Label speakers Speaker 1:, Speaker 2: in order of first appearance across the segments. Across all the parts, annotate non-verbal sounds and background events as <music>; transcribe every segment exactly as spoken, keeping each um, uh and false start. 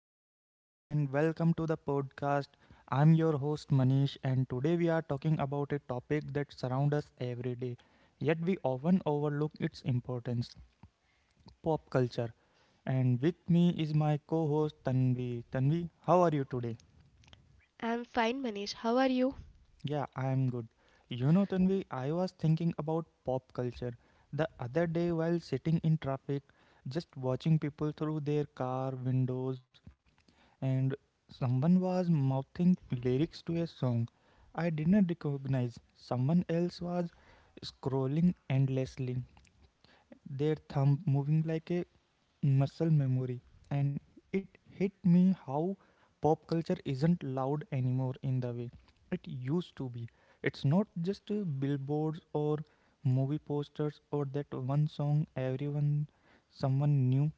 Speaker 1: everyone, and welcome to the podcast. I'm your host Manish, and today we are talking about a topic that surrounds us every day, yet we often overlook its importance pop culture. And with me is my co host Tanvi. Tanvi, how are you today?
Speaker 2: I'm fine, Manish. How are you?
Speaker 1: Yeah, I'm good. You know, Tanvi, I was thinking about pop culture the other day while sitting in traffic, just watching people through their car windows and someone was mouthing lyrics to a song I didn't recognize. Someone else was scrolling endlessly, their thumb moving like a muscle memory. And it hit me how pop culture isn't loud anymore in the way it used to be. It's not just uh, billboards or movie posters or that one song everyone someone knew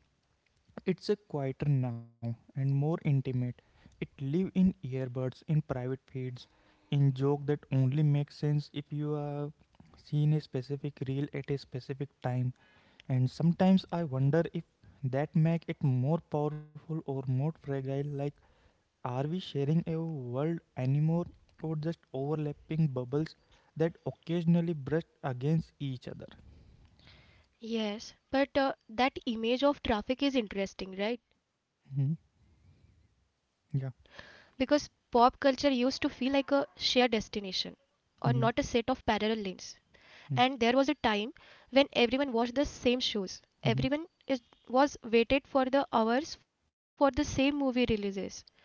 Speaker 1: it's a quieter now and more intimate. It live in earbuds, in private feeds, in joke that only makes sense if you have seen a specific reel at a specific time. And sometimes I wonder if that make it more powerful or more fragile. Like, are we sharing a world anymore, or just overlapping bubbles that occasionally brush against each other?
Speaker 2: Yes, but uh, that image of traffic is interesting, right?
Speaker 1: Hmm.
Speaker 2: Because pop culture
Speaker 1: Yeah.
Speaker 2: used to feel like a shared destination or not a set of parallel
Speaker 1: Hmm.
Speaker 2: lanes. And there was a
Speaker 1: Hmm.
Speaker 2: time when everyone watched the same shows. Everyone
Speaker 1: Hmm.
Speaker 2: is, was waited for the hours for the same movie releases,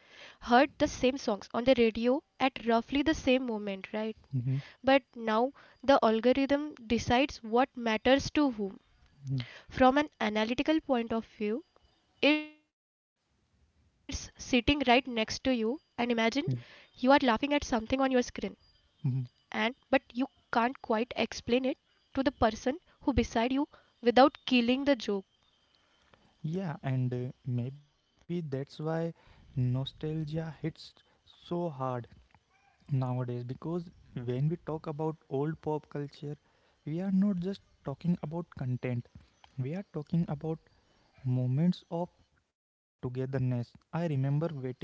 Speaker 2: heard the same songs on the radio at roughly the same moment, right?
Speaker 1: Hmm.
Speaker 2: But now the algorithm decides what matters to whom.
Speaker 1: Hmm.
Speaker 2: From an analytical point of view, it's sitting right next to you and imagine you are
Speaker 1: Yeah.
Speaker 2: laughing at something on your screen and
Speaker 1: Mhm.
Speaker 2: but you can't quite explain it to the person who beside you without killing the joke.
Speaker 1: Yeah, and uh, maybe that's why nostalgia hits so hard nowadays because when we talk about old pop culture, we are not just talking about content, we are talking about moments of togetherness. I remember waiting for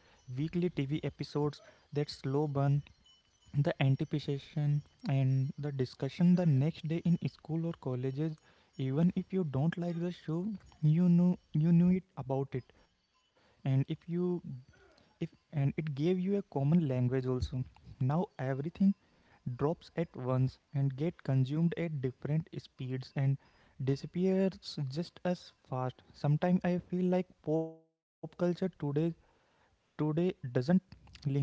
Speaker 1: weekly T V episodes, that slow burn, the anticipation, and the discussion the next day in school or colleges, even if you don't like the show you knew you knew it about it. And if you if and it gave you a common language also. Now everything drops at once and get consumed at different speeds and disappears just as fast. Sometimes I feel like pop culture today today doesn't linger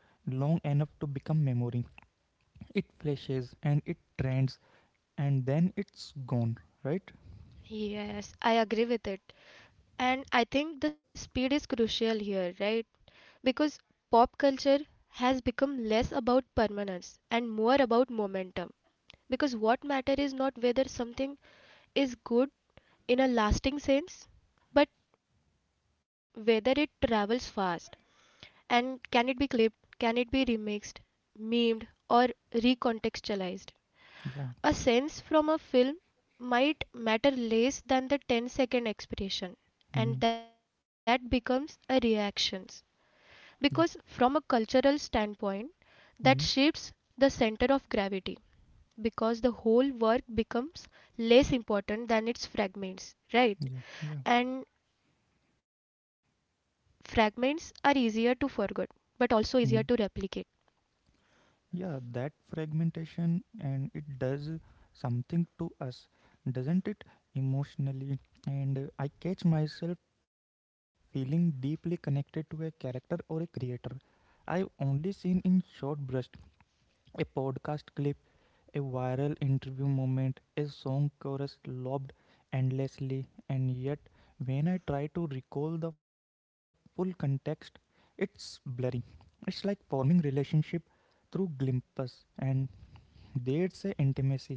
Speaker 1: long enough to become memory. It flashes and it trends, and then it's gone, right?
Speaker 2: Yes, I agree with it. And I think the speed is crucial here, right? Because pop culture has become less about permanence and more about momentum. Because what matter is not whether something is good in a lasting sense, but whether it travels fast, and can it be clipped, can it be remixed, memed, or recontextualized.
Speaker 1: Yeah.
Speaker 2: A sense from a film might matter less than the ten-second expression, and
Speaker 1: Hmm.
Speaker 2: that becomes a reaction. Because,
Speaker 1: Yeah.
Speaker 2: from a cultural standpoint, that
Speaker 1: Hmm.
Speaker 2: shifts the center of gravity because the whole work becomes less important than its fragments, right?
Speaker 1: Yeah. Yeah.
Speaker 2: And fragments are easier to forget, but also easier to replicate.
Speaker 1: Hmm. Yeah, that fragmentation and it does something to us, doesn't it? Emotionally. And uh, I catch myself feeling deeply connected to a character or a creator I've only seen in short bursts, a podcast clip, a viral interview moment, a song chorus lobbed endlessly, and yet when I try to recall the full context, it's blurry. It's like forming relationship through glimpses, and there's a intimacy,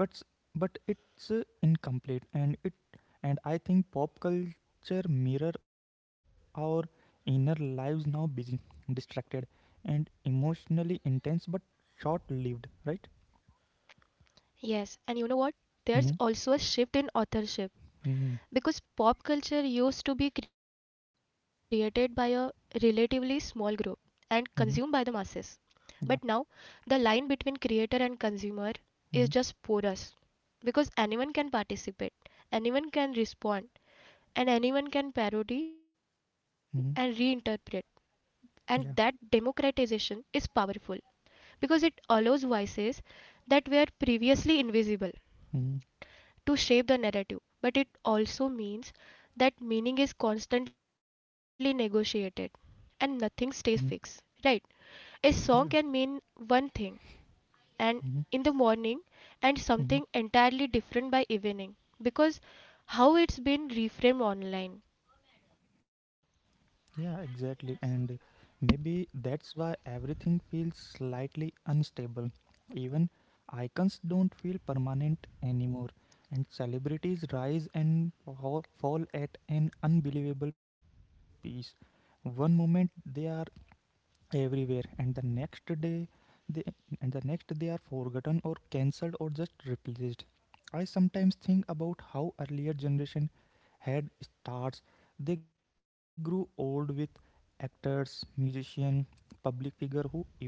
Speaker 1: but s- but it's uh, incomplete. And it and I think pop culture mirror our inner lives now, busy, distracted, and emotionally intense but short lived, right?
Speaker 2: Yes, and you know what? There's also a
Speaker 1: Mm-hmm.
Speaker 2: shift in authorship because
Speaker 1: Mm-hmm.
Speaker 2: pop culture used to be created by a relatively small group and consumed by the
Speaker 1: Mm-hmm.
Speaker 2: masses. But now,
Speaker 1: Yeah.
Speaker 2: the line between creator and consumer is
Speaker 1: Mm-hmm.
Speaker 2: just porous because anyone can participate, anyone can respond and anyone can parody and
Speaker 1: Mm-hmm.
Speaker 2: reinterpret. And that
Speaker 1: Yeah.
Speaker 2: democratization is powerful because it allows voices that were previously invisible
Speaker 1: Mm-hmm.
Speaker 2: to shape the narrative. But it also means that meaning is constantly negotiated and nothing stays
Speaker 1: Mm-hmm.
Speaker 2: fixed. Right? A song
Speaker 1: Yeah.
Speaker 2: can mean one thing and
Speaker 1: Mm-hmm.
Speaker 2: in the morning and
Speaker 1: Mm-hmm.
Speaker 2: something entirely different by evening because how it's been reframed online.
Speaker 1: Yeah, exactly. And maybe that's why everything feels slightly unstable. Even icons don't feel permanent anymore, and celebrities rise and fall fall at an unbelievable pace. One moment they are everywhere, and the next day they and the next they are forgotten or cancelled or just replaced. I sometimes think about how earlier generation had stars they grew old with, actors, musician, public figure who evolved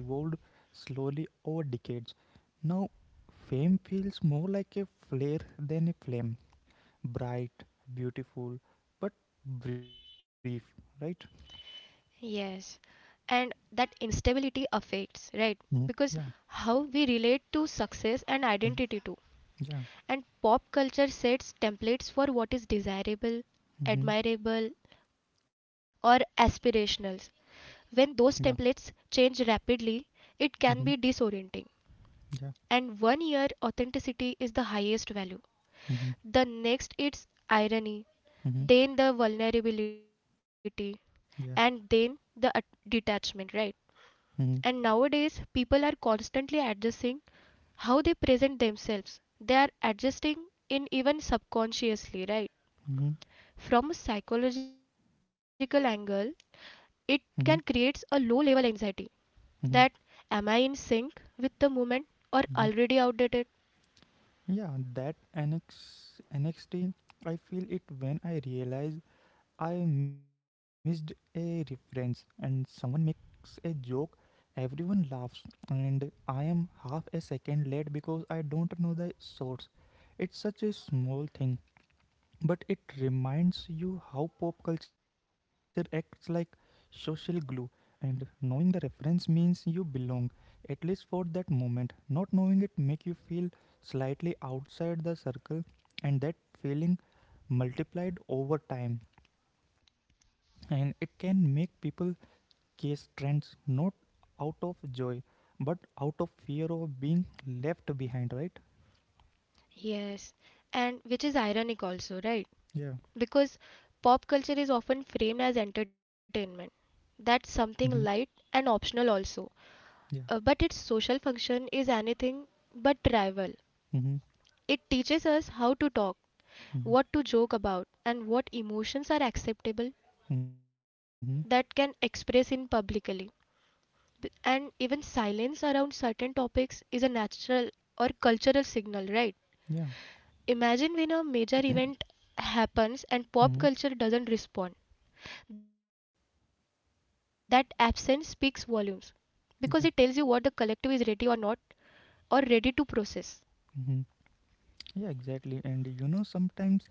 Speaker 1: slowly over decades. Now fame feels more like a flare than a flame, bright, beautiful, but brief, right?
Speaker 2: Yes, and that instability affects, right? Because
Speaker 1: Mhm. Yeah.
Speaker 2: how we relate to success and identity
Speaker 1: Mhm.
Speaker 2: too.
Speaker 1: Yeah.
Speaker 2: And pop culture sets templates for what is desirable,
Speaker 1: Hmm.
Speaker 2: admirable, or aspirational. When those templates change rapidly, it can be
Speaker 1: Mhm.
Speaker 2: disorienting.
Speaker 1: Yeah.
Speaker 2: And one year authenticity is the highest value.
Speaker 1: Mhm.
Speaker 2: The next it's irony,
Speaker 1: Mhm.
Speaker 2: then the vulnerability,
Speaker 1: Yeah.
Speaker 2: and then the at- detachment, right?
Speaker 1: Mhm.
Speaker 2: And nowadays, people are constantly adjusting how they present themselves. They are adjusting in even subconsciously, right?
Speaker 1: Mhm.
Speaker 2: From a psychological angle, it can
Speaker 1: Mhm.
Speaker 2: create a low level anxiety that
Speaker 1: Mhm.
Speaker 2: am I in sync with the moment or
Speaker 1: Mhm.
Speaker 2: already outdated?
Speaker 1: Yeah, that annex N X T, I feel it when I realize I missed a reference and someone makes a joke, everyone laughs, and I am half a second late because I don't know the source. It's such a small thing, but it reminds you how pop culture acts like social glue, and knowing the reference means you belong, at least for that moment. Not knowing it make you feel slightly outside the circle, and that feeling multiplied over time, and it can make people chase trends, not out of joy but out of fear of being left behind, right?
Speaker 2: Yes, and which is ironic also, right?
Speaker 1: Yeah.
Speaker 2: Because pop culture is often framed as entertainment.
Speaker 1: Mm-hmm.
Speaker 2: That's something light and optional also.
Speaker 1: Yeah.
Speaker 2: Uh, but its social function is anything but trivial.
Speaker 1: Mm-hmm.
Speaker 2: It teaches us how to talk,
Speaker 1: Mm-hmm.
Speaker 2: what to joke about, and what emotions are
Speaker 1: Mm-hmm.
Speaker 2: acceptable that can express in publicly. And even silence around certain topics is a natural or cultural signal, right?
Speaker 1: Yeah.
Speaker 2: Imagine when a major event happens
Speaker 1: Mm-hmm.
Speaker 2: and pop culture doesn't respond. That absence speaks volumes because it tells you what the
Speaker 1: Yeah.
Speaker 2: collective is ready or not or ready to process.
Speaker 1: Hmm. Yeah, exactly. And you know, sometimes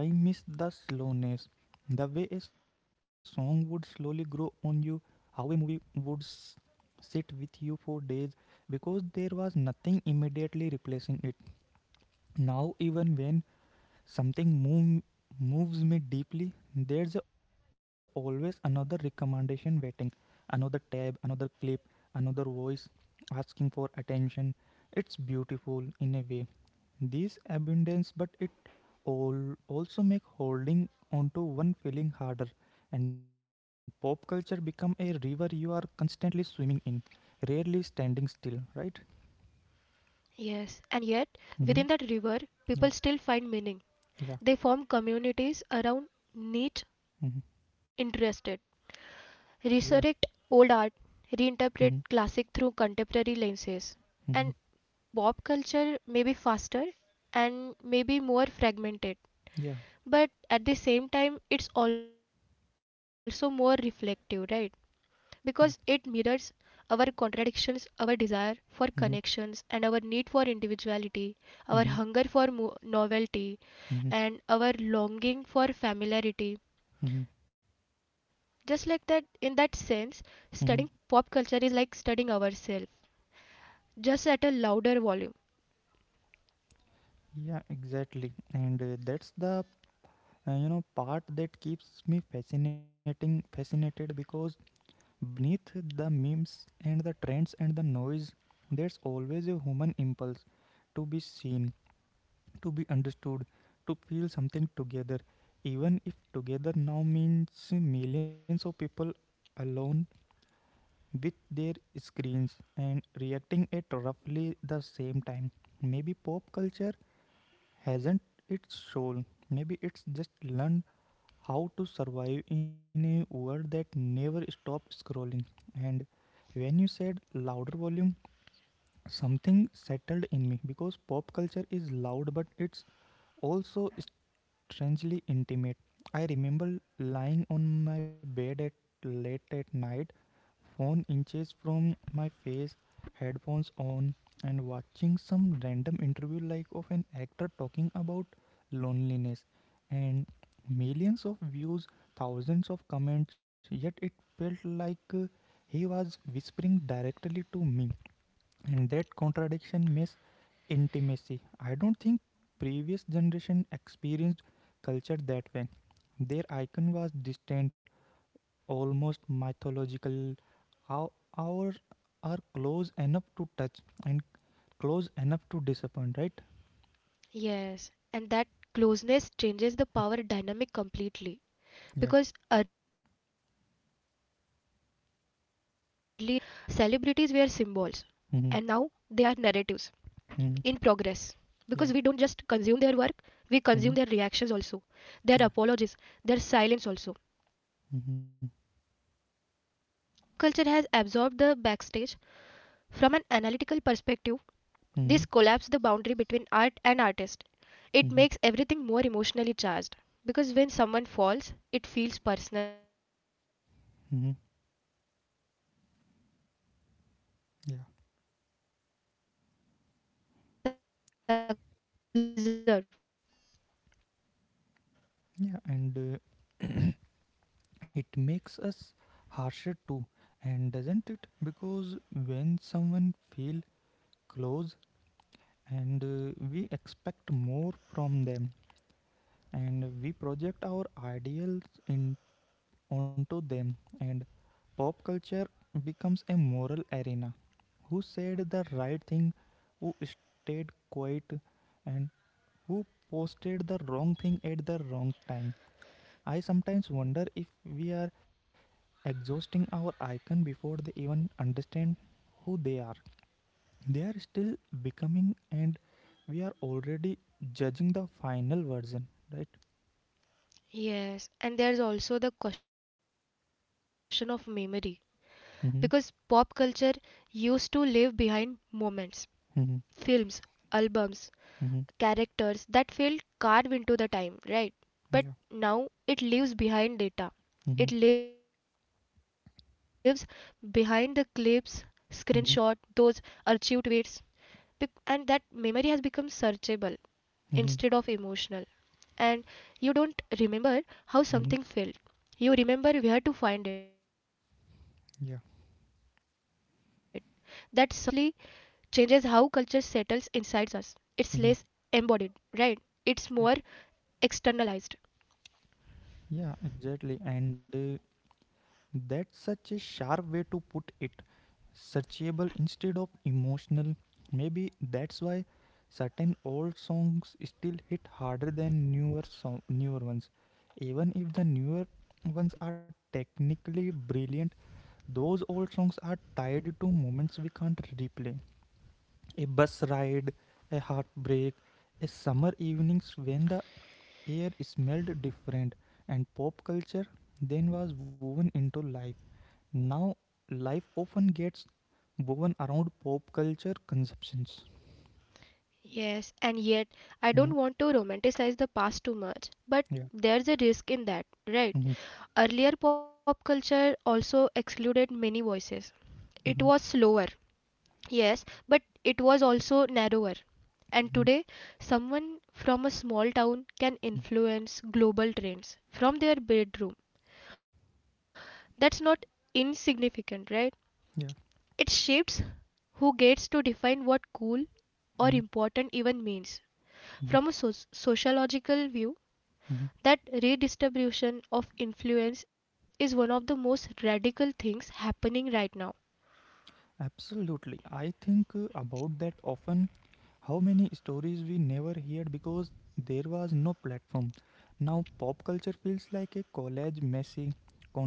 Speaker 1: I miss the slowness, the way a song would slowly grow on you, how a movie would s- sit with you for days, because there was nothing immediately replacing it. Now, even when something move, moves me deeply, there's always another recommendation waiting, another tab, another clip, another voice asking for attention. It's beautiful in a way. This abundance, but it all also make holding onto one feeling harder. And pop culture become a river you are constantly swimming in, rarely standing still, right?
Speaker 2: Yes, and yet within
Speaker 1: Mm-hmm.
Speaker 2: that river, people
Speaker 1: Yeah.
Speaker 2: still find meaning.
Speaker 1: Yeah.
Speaker 2: They form communities around niche
Speaker 1: Mm-hmm.
Speaker 2: interested,
Speaker 1: Yeah.
Speaker 2: resurrect old art, reinterpret
Speaker 1: Mm-hmm.
Speaker 2: classic through contemporary lenses. And
Speaker 1: Mm-hmm.
Speaker 2: pop culture may be faster and maybe more fragmented,
Speaker 1: Yeah.
Speaker 2: but at the same time, it's also more reflective, right? Because it
Speaker 1: Yeah.
Speaker 2: mirrors our contradictions, our desire for
Speaker 1: Mhm,
Speaker 2: connections, and our need for individuality, our
Speaker 1: mhm,
Speaker 2: hunger for novelty,
Speaker 1: mhm,
Speaker 2: and our longing for familiarity.
Speaker 1: mhm,
Speaker 2: Just like that, in that sense, studying
Speaker 1: mhm.
Speaker 2: pop culture is like studying ourselves, just at a louder volume.
Speaker 1: Yeah, exactly. And uh, that's the uh, you know part that keeps me fascinating fascinated because beneath the memes and the trends and the noise, there's always a human impulse to be seen, to be understood, to feel something together, even if together now means millions of people alone with their screens and reacting at roughly the same time. Maybe pop culture hasn't its soul. Maybe it's just learned how to survive in a world that never stops scrolling. And when you said louder volume, something settled in me because pop culture is loud, but it's also strangely intimate. I remember lying on my bed at late at night, phone inches from my face, headphones on, and watching some random interview like of an actor talking about loneliness, and millions of views, thousands of comments, yet it felt like uh, he was whispering directly to me, and that contradiction miss intimacy. I don't think previous generation experienced culture that way. Their icon was distant, almost mythological. Our, our Are close enough to touch and close enough to disappoint, right?
Speaker 2: Yes, and that closeness changes the power dynamic completely
Speaker 1: Yeah.
Speaker 2: because earlier celebrities were symbols and now they are narratives
Speaker 1: Mm-hmm.
Speaker 2: in progress because we
Speaker 1: Mm-hmm.
Speaker 2: don't just consume their
Speaker 1: Yeah.
Speaker 2: work, we consume their reactions
Speaker 1: Mm-hmm.
Speaker 2: also, their
Speaker 1: Yeah.
Speaker 2: apologies, their silence also.
Speaker 1: Mm-hmm.
Speaker 2: Pop culture has absorbed the backstage. From an analytical perspective, this collapses the boundary
Speaker 1: Mm-hmm.
Speaker 2: between art and artist. It makes
Speaker 1: Mm-hmm.
Speaker 2: everything more emotionally charged because when someone falls, it feels personal, right?
Speaker 1: Mm-hmm.
Speaker 2: When someone succeeds it feels earned or
Speaker 1: Yeah.
Speaker 2: sometimes undeserved in a very v- uh, visceral way.
Speaker 1: Yeah. And uh, it makes us harsher too, and doesn't it? Because when someone feel close, and uh, we expect more from them, and we project our ideals in onto them, and pop culture becomes a moral arena. Who said the right thing? Who stayed quiet? And who posted the wrong thing at the wrong time? I sometimes wonder if we are exhausting our icon before they even understand who they are. They are still becoming, and we are already judging the final version, right?
Speaker 2: Yes, and there's also the question of memory because pop culture
Speaker 1: Mm-hmm.
Speaker 2: used to leave behind moments, films,
Speaker 1: Mm-hmm.
Speaker 2: albums, characters
Speaker 1: Mm-hmm.
Speaker 2: that felt carved into the time, right? But now
Speaker 1: Yeah.
Speaker 2: it leaves behind data. It leaves
Speaker 1: Mm-hmm.
Speaker 2: behind the clips, screenshot, those archived tweets,
Speaker 1: Mm-hmm.
Speaker 2: and that memory has become searchable instead of emotional.
Speaker 1: Mm-hmm.
Speaker 2: And you don't remember how something felt,
Speaker 1: Mm-hmm.
Speaker 2: you remember where to find it. That subtly
Speaker 1: Yeah.
Speaker 2: changes how culture settles inside us. It's less embodied, right? It's
Speaker 1: Mhm.
Speaker 2: more externalized.
Speaker 1: Yeah, yeah, exactly. And uh, that's such a sharp way to put it. Searchable instead of emotional. Maybe that's why certain old songs still hit harder than newer song, newer ones. Even if the newer ones are technically brilliant, those old songs are tied to moments we can't replay. A bus ride, a heartbreak, a summer evenings when the air smelled different, and pop culture then was woven into life. Now life often gets woven around pop culture conceptions.
Speaker 2: Yes, and yet I
Speaker 1: Mhm.
Speaker 2: don't want to romanticize the past too much, but
Speaker 1: Yeah.
Speaker 2: there's a risk in that, right?
Speaker 1: Mhm.
Speaker 2: Earlier pop culture also excluded many voices. It
Speaker 1: Mhm.
Speaker 2: was slower, yes, but it was also narrower. And
Speaker 1: Mhm.
Speaker 2: today, someone from a small town can
Speaker 1: Mhm.
Speaker 2: influence global trends from their bedroom. That's not insignificant, right? It
Speaker 1: Yeah.
Speaker 2: shapes who gets to define what cool or
Speaker 1: Mhm.
Speaker 2: important even means. From a
Speaker 1: Mhm.
Speaker 2: soc- sociological view,
Speaker 1: Mhm.
Speaker 2: that redistribution of influence is one of the most radical things happening right now.
Speaker 1: Absolutely. I think uh, about that often, how many stories we never heard because there was no platform. Now, pop culture feels like a collage, messy,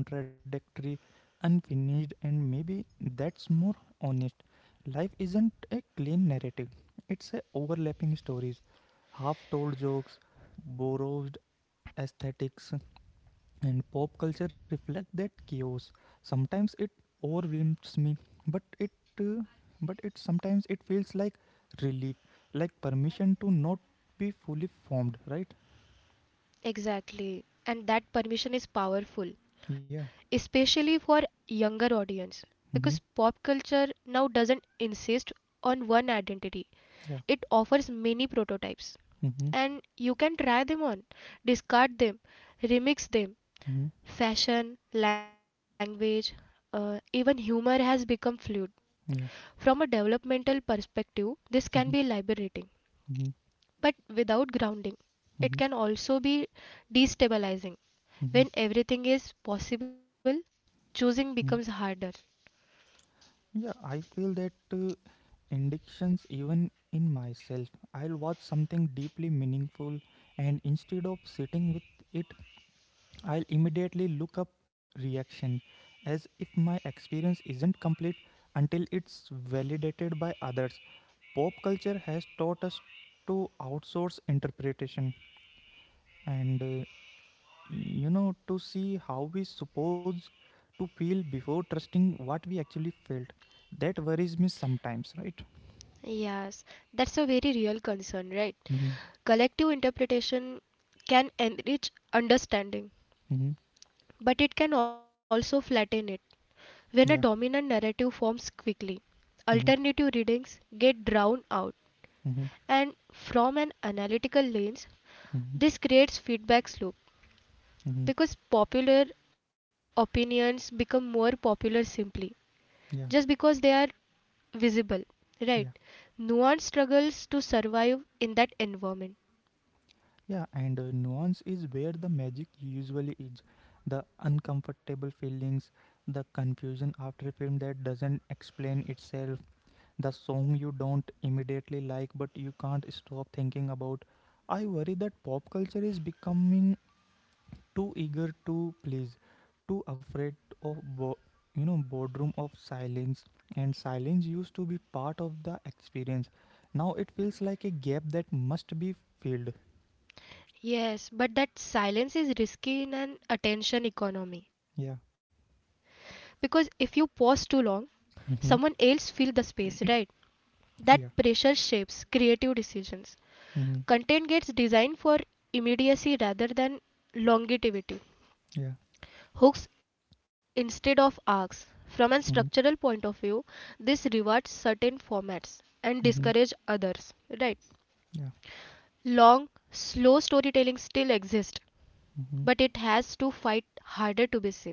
Speaker 1: contradictory, unfinished, and maybe that's more honest. Life isn't a clean narrative, it's a overlapping stories, half told jokes, borrowed aesthetics, and pop culture reflects that chaos. Sometimes it overwhelms me, but it uh, but it sometimes it feels like relief, like permission to not be fully formed, right?
Speaker 2: Exactly. And that permission is powerful,
Speaker 1: Yeah.
Speaker 2: especially for younger audience
Speaker 1: Mm-hmm.
Speaker 2: because pop culture now doesn't insist on one identity.
Speaker 1: Yeah.
Speaker 2: It offers many prototypes
Speaker 1: Mm-hmm.
Speaker 2: and you can try them on, discard them, remix them,
Speaker 1: Mm-hmm.
Speaker 2: fashion language, uh, even humor has become fluid.
Speaker 1: Yeah.
Speaker 2: From a developmental perspective this can be
Speaker 1: Mm-hmm.
Speaker 2: liberating,
Speaker 1: Mm-hmm.
Speaker 2: but without grounding it
Speaker 1: Mm-hmm.
Speaker 2: can also be destabilizing.
Speaker 1: Mm-hmm.
Speaker 2: When everything is possible, choosing
Speaker 1: Mm-hmm.
Speaker 2: becomes harder.
Speaker 1: Yeah, I feel that uh, addictions even in myself. I'll watch something deeply meaningful, and instead of sitting with it, I'll immediately look up reactions as if my experience isn't complete until it's validated by others. Pop culture has taught us to outsource interpretation, and uh, you know to see how we supposed to feel before trusting what we actually felt. That worries me sometimes, right?
Speaker 2: Yes, that's a very real concern, right?
Speaker 1: Mm-hmm.
Speaker 2: Collective interpretation can enrich understanding,
Speaker 1: Mm-hmm.
Speaker 2: but it can also flatten it. When a
Speaker 1: Yeah.
Speaker 2: dominant narrative forms quickly,
Speaker 1: Mm-hmm.
Speaker 2: alternative readings get drowned out.
Speaker 1: Mm-hmm.
Speaker 2: And from an analytical lens,
Speaker 1: Mm-hmm.
Speaker 2: this creates feedback loop
Speaker 1: Mm-hmm.
Speaker 2: because popular opinions become more popular simply just
Speaker 1: Yeah.
Speaker 2: because they are visible, right?
Speaker 1: Yeah.
Speaker 2: Nuance struggles to survive in that environment.
Speaker 1: Yeah, and uh, nuance is where the magic usually is. The uncomfortable feelings, the confusion after a film that doesn't explain itself, the song you don't immediately like but you can't stop thinking about. I worry that pop culture is becoming too eager to please, too afraid of bo- you know boardroom of silence, and silence used to be part of the experience. Now it feels like a gap that must be filled.
Speaker 2: Yes, but that silence is risky in an attention economy.
Speaker 1: Yeah.
Speaker 2: Because if you pause too long, someone else fills the
Speaker 1: <laughs>
Speaker 2: space, right? That pressure
Speaker 1: Yeah.
Speaker 2: shapes creative decisions. Content
Speaker 1: Mm-hmm.
Speaker 2: gets designed for immediacy rather than longevity.
Speaker 1: Yeah.
Speaker 2: Hooks instead of arcs. From a structural point
Speaker 1: Mm-hmm.
Speaker 2: of view, this rewards certain formats and discourages
Speaker 1: Mm-hmm.
Speaker 2: others, right?
Speaker 1: Yeah.
Speaker 2: Long, slow storytelling still exists, but
Speaker 1: Mm-hmm.
Speaker 2: it has to fight harder to be seen.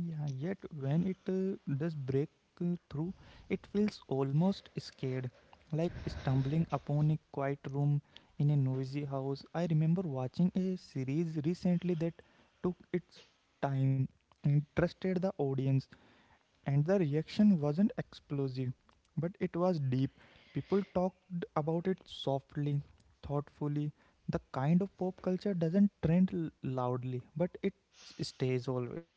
Speaker 1: Yeah. Yet when it uh, does break uh, through, it feels almost scared, like stumbling upon a quiet room in a noisy house. I remember watching a series recently that took its time and trusted the audience, and the reaction wasn't explosive, but it was deep. People talked about it softly, thoughtfully. The kind of pop culture doesn't trend l- loudly, but it s- stays always.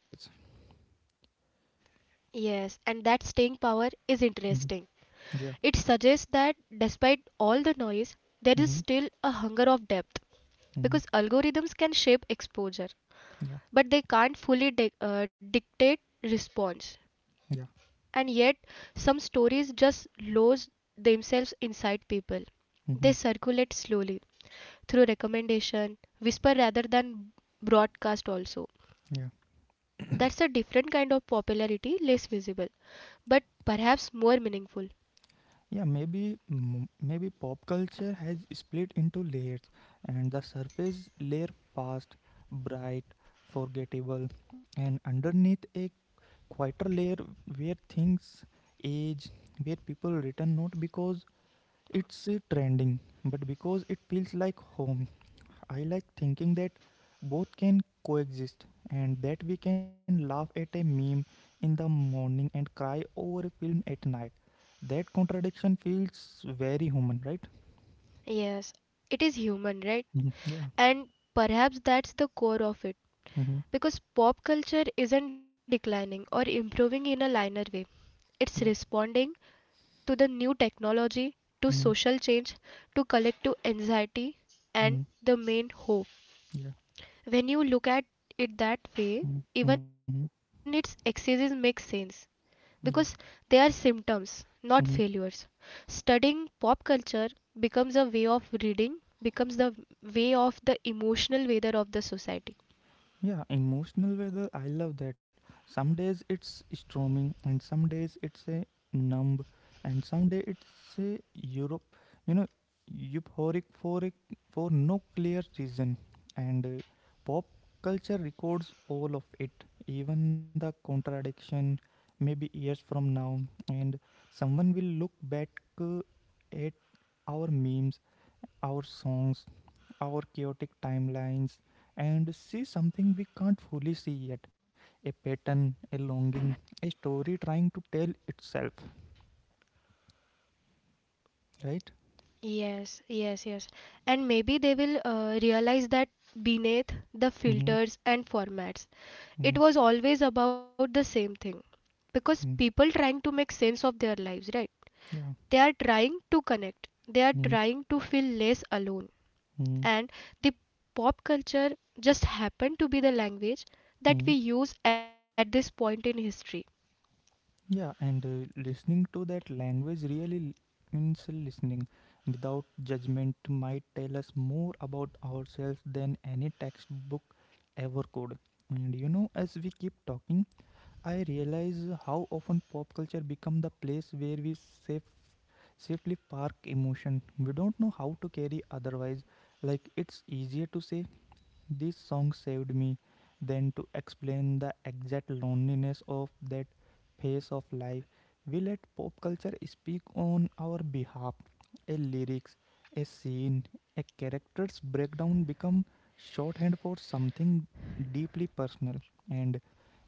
Speaker 2: Yes, and that staying power is interesting.
Speaker 1: Mhm.
Speaker 2: It suggests
Speaker 1: Yeah.
Speaker 2: that despite all the noise, there is still a
Speaker 1: Mm-hmm.
Speaker 2: hunger of depth because
Speaker 1: Mm-hmm.
Speaker 2: algorithms can shape exposure, but they
Speaker 1: Yeah.
Speaker 2: can't fully dic- uh, dictate response.
Speaker 1: Yeah.
Speaker 2: And yet, some stories just lose themselves inside people. They
Speaker 1: Mm-hmm.
Speaker 2: circulate slowly through recommendation, whisper rather than broadcast also.
Speaker 1: Yeah.
Speaker 2: That's a different kind of popularity, less visible, but perhaps more meaningful.
Speaker 1: Yeah. Maybe mm, maybe pop culture has split into layers, and the surface layer fast, bright, forgettable, and underneath a quieter layer where things age, where people return not because it's uh, trending, but because it feels like home. I like thinking that both can coexist, and that we can laugh at a meme in the morning and cry over a film at night. That contradiction feels very human, right?
Speaker 2: Yes, it is human, right?
Speaker 1: Mhm. Yeah.
Speaker 2: And perhaps that's the core of it.
Speaker 1: Mm-hmm.
Speaker 2: Because pop culture isn't declining or improving in a linear way, it's
Speaker 1: Yeah.
Speaker 2: responding to the new technology, to
Speaker 1: Mm-hmm.
Speaker 2: social change, to collective anxiety,
Speaker 1: Mm-hmm.
Speaker 2: and the main hope.
Speaker 1: Yeah.
Speaker 2: When you look at it that way,
Speaker 1: Mm-hmm.
Speaker 2: even
Speaker 1: Mm-hmm.
Speaker 2: its excesses make sense, because
Speaker 1: Yeah.
Speaker 2: they are symptoms, not failures.
Speaker 1: Mm-hmm.
Speaker 2: Studying pop culture becomes a way of reading, becomes the way of the emotional weather of the society.
Speaker 1: Yeah, emotional weather. I love that. Some days it's storming, and some days it's a numb, and some day it's a Europe. You know, euphoric for a, for no clear reason, and uh, pop culture records all of it, even the contradiction. Maybe years from now, and someone will look back uh, at our memes, our songs, our chaotic timelines and see something we can't fully see yet, a pattern, a longing, a story trying to tell itself, right?
Speaker 2: Yes, yes, yes. And maybe they will uh, realize that beneath the
Speaker 1: Mm-hmm.
Speaker 2: filters and formats, it
Speaker 1: Mm-hmm.
Speaker 2: was always about the same thing. Because
Speaker 1: Mm-hmm.
Speaker 2: people trying to make sense of their lives, right?
Speaker 1: Yeah.
Speaker 2: They are trying to connect. They are trying to feel less alone.
Speaker 1: Mm-hmm.
Speaker 2: And the pop culture just happened to be the language that we
Speaker 1: Mm-hmm.
Speaker 2: use at this point in history.
Speaker 1: Yeah, and uh, Listening to that language really l- means listening without judgment might tell us more about ourselves than any textbook ever could. And you know, as we keep talking, I realize how often pop culture become the place where we safe, safely park emotion. We don't know how to carry otherwise. Like it's easier to say this song saved me then to explain the exact loneliness of that phase of life. We let pop culture speak on our behalf. A lyrics, a scene, a character's breakdown become shorthand for something deeply personal. And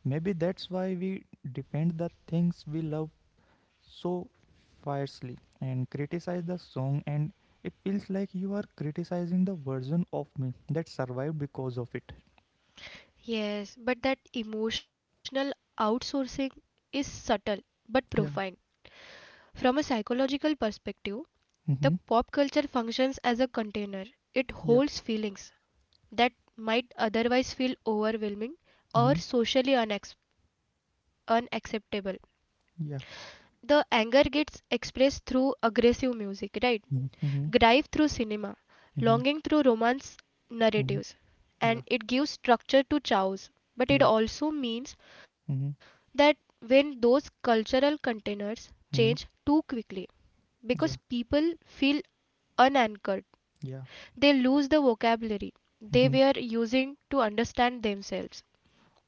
Speaker 1: maybe that's why we defend the things we love so fiercely and criticize the song and it feels like you are criticizing the version of me that survived because of it.
Speaker 2: Yes, but that emotional outsourcing is subtle but profound.
Speaker 1: Yeah.
Speaker 2: From a psychological perspective, the
Speaker 1: Mm-hmm.
Speaker 2: pop culture functions as a container. It
Speaker 1: Yeah.
Speaker 2: holds feelings that might otherwise feel overwhelming or
Speaker 1: Mm-hmm.
Speaker 2: socially unex- unacceptable.
Speaker 1: Yeah.
Speaker 2: The anger gets expressed through aggressive music, right?
Speaker 1: Mm-hmm.
Speaker 2: Drive through cinema,
Speaker 1: Mm-hmm.
Speaker 2: longing through romance
Speaker 1: Mm-hmm.
Speaker 2: narratives,
Speaker 1: Yeah.
Speaker 2: and it gives structure to chows,
Speaker 1: Yeah.
Speaker 2: but it also means
Speaker 1: Mm-hmm.
Speaker 2: that when those cultural containers
Speaker 1: Mm-hmm.
Speaker 2: change too quickly,
Speaker 1: Yeah.
Speaker 2: because people feel unanchored,
Speaker 1: Yeah.
Speaker 2: they lose the vocabulary they
Speaker 1: Mm-hmm.
Speaker 2: were using to understand themselves.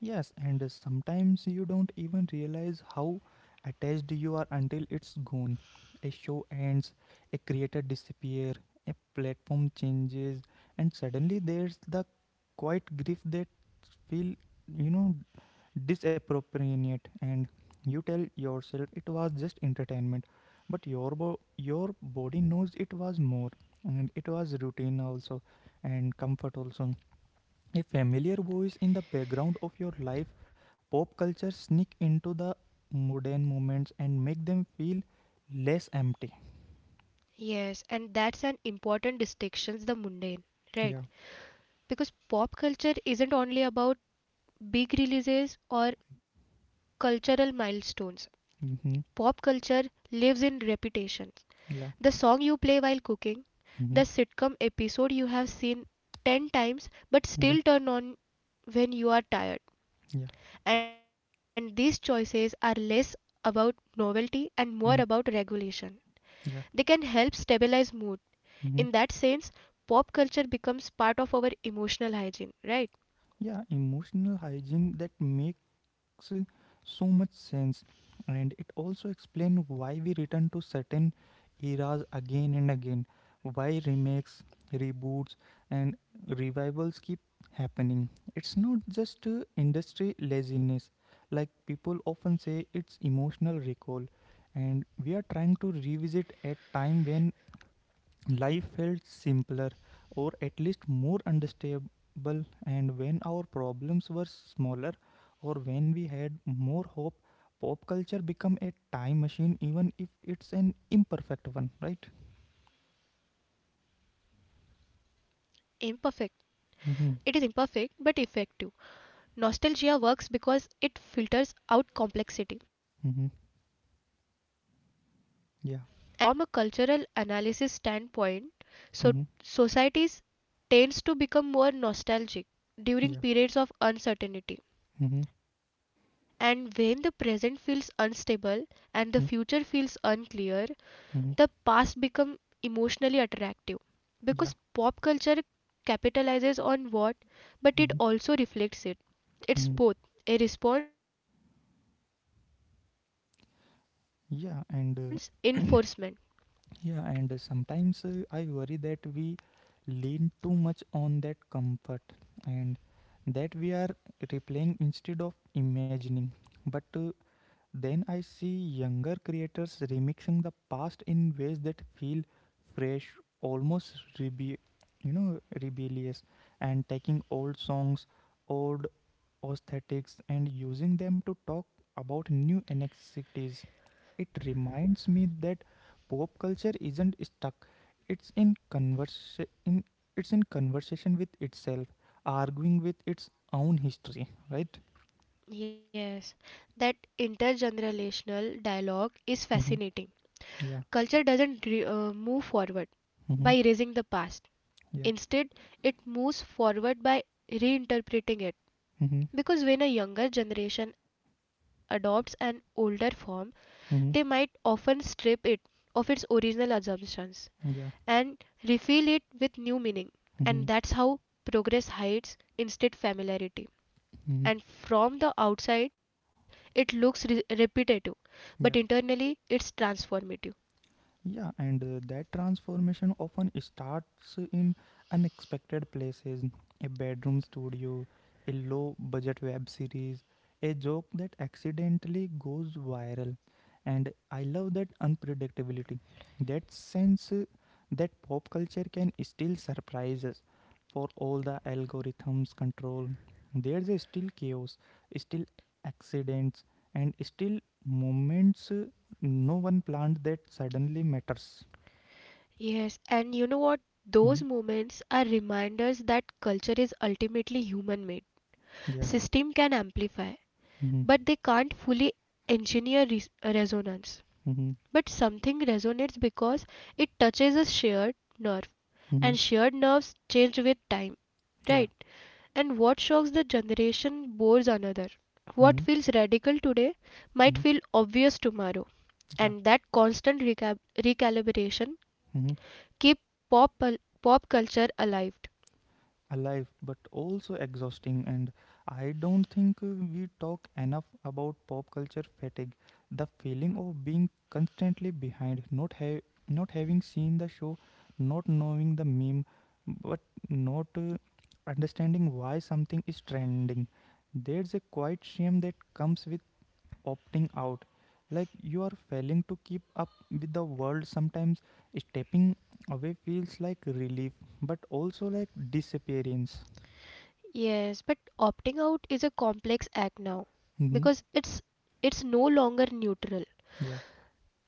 Speaker 1: Yes, and uh, sometimes you don't even realize how attached you are until it's gone. A show ends, a creator disappears, a platform changes, and suddenly there's the quiet grief that feel, you know, disappropriate. And you tell yourself it was just entertainment, but your bo- your body knows it was more, and it was routine also, and comfort also. A familiar voice in the background of your life, pop culture sneak into the modern moments and make them feel less empty.
Speaker 2: Yes, and that's an important distinction the mundane, right?
Speaker 1: Yeah.
Speaker 2: Because pop culture isn't only about big releases or cultural milestones. Pop
Speaker 1: Mm-hmm.
Speaker 2: culture lives in repetition. The
Speaker 1: Yeah.
Speaker 2: song you play while cooking, the
Speaker 1: Mm-hmm.
Speaker 2: sitcom episode you have seen ten times but
Speaker 1: Mm-hmm.
Speaker 2: still turn on when you are tired.
Speaker 1: Yeah.
Speaker 2: And these choices are less about novelty and more about
Speaker 1: Mm-hmm.
Speaker 2: regulation. They can
Speaker 1: Yeah.
Speaker 2: help stabilize mood. In that
Speaker 1: Mm-hmm.
Speaker 2: sense, pop culture becomes part of our emotional hygiene, right?
Speaker 1: Yeah. Emotional hygiene that make makes so much sense, and it also explains why we return to certain eras again and again, why remakes, reboots and revivals keep happening. It's not just uh, industry laziness like people often say. It's emotional recall, and we are trying to revisit a time when life felt simpler, or at least more understandable, and when our problems were smaller, or when we had more hope. Pop culture became a time machine, even if it's an imperfect one, right?
Speaker 2: Imperfect. It is imperfect but effective.
Speaker 1: Mm-hmm.
Speaker 2: Nostalgia works because it filters out complexity, and it can remember the feeling,
Speaker 1: Mm-hmm.
Speaker 2: not the full reality.
Speaker 1: Yeah.
Speaker 2: And from a cultural analysis standpoint, so
Speaker 1: Mm-hmm.
Speaker 2: societies tends to become more nostalgic during
Speaker 1: Yeah.
Speaker 2: periods of uncertainty.
Speaker 1: Mm-hmm.
Speaker 2: And when the present feels unstable and the
Speaker 1: Mm-hmm.
Speaker 2: future feels unclear,
Speaker 1: Mm-hmm.
Speaker 2: the past become emotionally attractive
Speaker 1: Yeah.
Speaker 2: because pop culture capitalizes on what but it
Speaker 1: Mm-hmm.
Speaker 2: also reflects it.
Speaker 1: Mm-hmm.
Speaker 2: It's both a response and a reinforcement.
Speaker 1: Yeah. And uh, Yeah, and uh, Sometimes uh, I worry that we lean too much on that comfort, and that we are replaying instead of imagining. But uh, then I see younger creators remixing the past in ways that feel fresh, almost rebe- you know rebellious, and taking old songs, old aesthetics and using them to talk about new inequities. It reminds me that pop culture isn't stuck. It's in converse in it's in conversation with itself, arguing with its own history, right?
Speaker 2: Yes, that intergenerational dialogue is
Speaker 1: Mm-hmm.
Speaker 2: fascinating.
Speaker 1: Yeah.
Speaker 2: Culture doesn't re- uh, move forward
Speaker 1: Mm-hmm.
Speaker 2: by erasing the past.
Speaker 1: Yeah.
Speaker 2: Instead, it moves forward by reinterpreting it.
Speaker 1: Mm-hmm.
Speaker 2: Because when a younger generation adopts an older form, they
Speaker 1: Mm-hmm.
Speaker 2: might often strip it of its original assumptions
Speaker 1: Mm-hmm. Yeah.
Speaker 2: and refill it with new meaning. And
Speaker 1: Mm-hmm.
Speaker 2: that's how progress hides instead familiarity.
Speaker 1: Mm-hmm.
Speaker 2: And from the outside it looks re- repetitive, but
Speaker 1: Yeah.
Speaker 2: internally it's transformative.
Speaker 1: Yeah, and uh, That transformation often starts in unexpected places: a bedroom studio, a low budget web series, a joke that accidentally goes viral. And I love that unpredictability, that sense uh, that pop culture can still surprise us for all the algorithms control. There's a still chaos, still accidents, and still moments uh, no one planned that suddenly matters.
Speaker 2: Yes, and you know what,
Speaker 1: Hmm.
Speaker 2: those moments are reminders that culture is ultimately human made.
Speaker 1: Yeah.
Speaker 2: System can amplify,
Speaker 1: Hmm.
Speaker 2: but they can't fully engineer res- resonance.
Speaker 1: Hmm. Hmm.
Speaker 2: But something resonates because it touches a shared nerve,
Speaker 1: Hmm.
Speaker 2: and shared nerves change with time,
Speaker 1: Yeah.
Speaker 2: right? And what shocks the generation bores another. What
Speaker 1: Hmm.
Speaker 2: feels radical today might
Speaker 1: Hmm.
Speaker 2: feel obvious tomorrow.
Speaker 1: Yeah.
Speaker 2: And that constant reca- recalibration
Speaker 1: Hmm.
Speaker 2: keep pop pop culture alive.
Speaker 1: Alive, but also exhausting. And I don't think uh, we talk enough about pop culture fatigue. The feeling of being constantly behind, not ha- not having seen the show, not knowing the meme, but not uh, understanding why something is trending. There's a quiet shame that comes with opting out, like you are failing to keep up with the world. Sometimes stepping away feels like relief but also like disappearance.
Speaker 2: Yes, but opting out is a complex act now
Speaker 1: Mm-hmm.
Speaker 2: because it's it's no longer neutral.
Speaker 1: Yeah.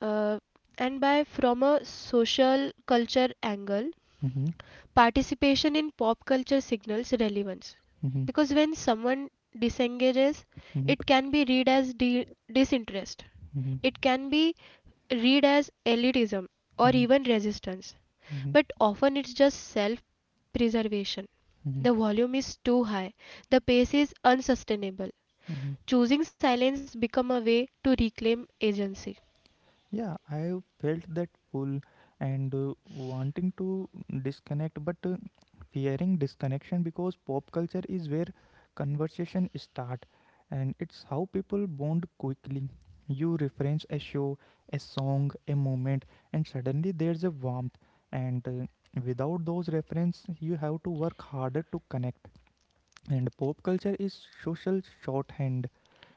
Speaker 2: Uh, and by from a social culture angle,
Speaker 1: Mm-hmm.
Speaker 2: participation in pop culture signals relevance. Because
Speaker 1: Mm-hmm.
Speaker 2: when someone disengages,
Speaker 1: Mm-hmm.
Speaker 2: it can be read as di- disinterest,
Speaker 1: Mm-hmm.
Speaker 2: it can be read as elitism or
Speaker 1: Mm-hmm.
Speaker 2: even resistance,
Speaker 1: Mm-hmm.
Speaker 2: but often it's just self preservation. The volume is too high, the pace is unsustainable.
Speaker 1: Mm-hmm.
Speaker 2: Choosing silence become a way to reclaim agency.
Speaker 1: Yeah, I felt that pull, and uh, wanting to disconnect, but uh, fearing disconnection because pop culture is where conversation start, and it's how people bond quickly. You reference a show, a song, a moment, and suddenly there's a warmth. And uh, without those reference, you have to work harder to connect. And pop culture is social shorthand,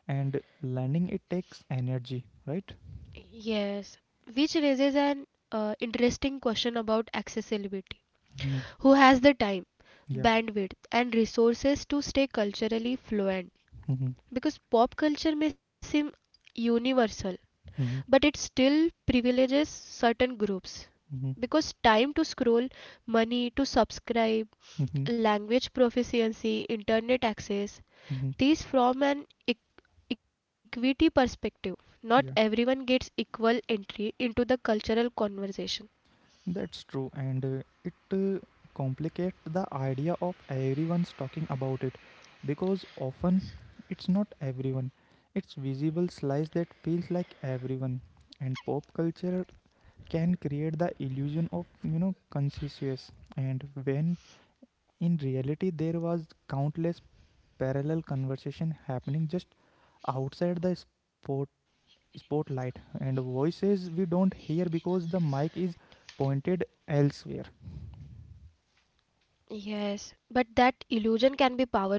Speaker 1: and learning it takes energy, right?
Speaker 2: Yes, which raises an uh, interesting question about accessibility.
Speaker 1: Mhm.
Speaker 2: Who has the time,
Speaker 1: Yeah.
Speaker 2: bandwidth, and resources to stay culturally fluent?
Speaker 1: Mhm.
Speaker 2: Because pop culture may seem universal, but
Speaker 1: Mhm.
Speaker 2: it still privileges certain groups.
Speaker 1: Mhm.
Speaker 2: Because time to scroll, money to subscribe,
Speaker 1: Mhm.
Speaker 2: language proficiency, internet access,
Speaker 1: Mhm.
Speaker 2: these from an e- equity perspective, not everyone
Speaker 1: Yeah,
Speaker 2: gets equal entry into the cultural conversation.
Speaker 1: that's true, and uh, it uh, complicates the idea of everyone's talking about it, because often it's not everyone. It's visible slice that feels like everyone, and pop culture can create the illusion of you know consensus. And when in reality there was countless parallel conversation happening just outside the spot spotlight, and voices we don't hear because the mic is pointed elsewhere.
Speaker 2: Yes, but that illusion can be powerful,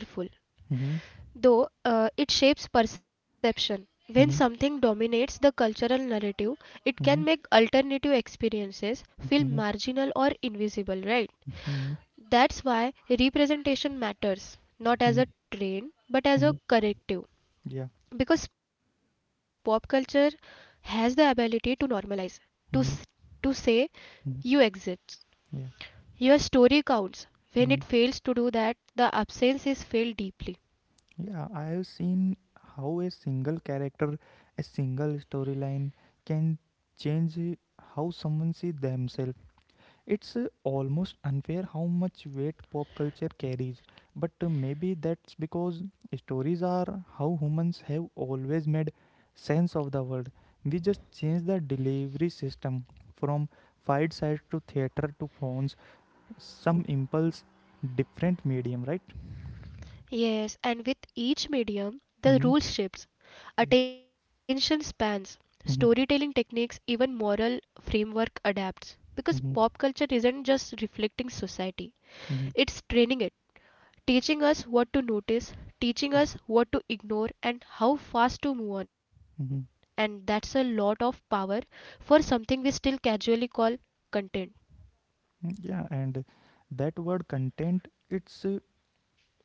Speaker 1: Mm-hmm.
Speaker 2: though uh, it shapes perception. When something
Speaker 1: Mm-hmm.
Speaker 2: dominates the cultural narrative, it can make
Speaker 1: Mm-hmm.
Speaker 2: alternative experiences feel
Speaker 1: Mm-hmm.
Speaker 2: marginal or invisible, right?
Speaker 1: Mm-hmm.
Speaker 2: That's why representation matters, not as
Speaker 1: Mm-hmm.
Speaker 2: a train, but as
Speaker 1: Mm-hmm.
Speaker 2: a corrective.
Speaker 1: Yeah.
Speaker 2: Because pop culture has the ability to normalize, to, s- to
Speaker 1: Mm-hmm.
Speaker 2: say you
Speaker 1: Mm-hmm.
Speaker 2: exist.
Speaker 1: Yeah.
Speaker 2: Your story counts. When it fails
Speaker 1: Mm-hmm.
Speaker 2: to do that, the absence is felt deeply.
Speaker 1: Yeah. I have seen how a single character, a single storyline can change how someone sees themselves. It's uh, almost unfair how much weight pop culture carries, but uh, maybe that's because stories are how humans have always made sense of the world. We just changed the delivery system from fight side to theater to phones. Some impulse, different medium, right?
Speaker 2: Yes, and with each medium, the rule
Speaker 1: Mm-hmm.
Speaker 2: shifts,
Speaker 1: Yeah.
Speaker 2: attention spans, storytelling
Speaker 1: Mm-hmm.
Speaker 2: techniques, even moral framework adapts. Because pop culture
Speaker 1: Mm-hmm.
Speaker 2: isn't just reflecting society, it's
Speaker 1: Mm-hmm.
Speaker 2: training it, teaching us what to notice, teaching us what to ignore, and how fast to move on. And
Speaker 1: Mm-hmm.
Speaker 2: that's a lot of power for something we still casually call content.
Speaker 1: Yeah, and that word content, it's uh,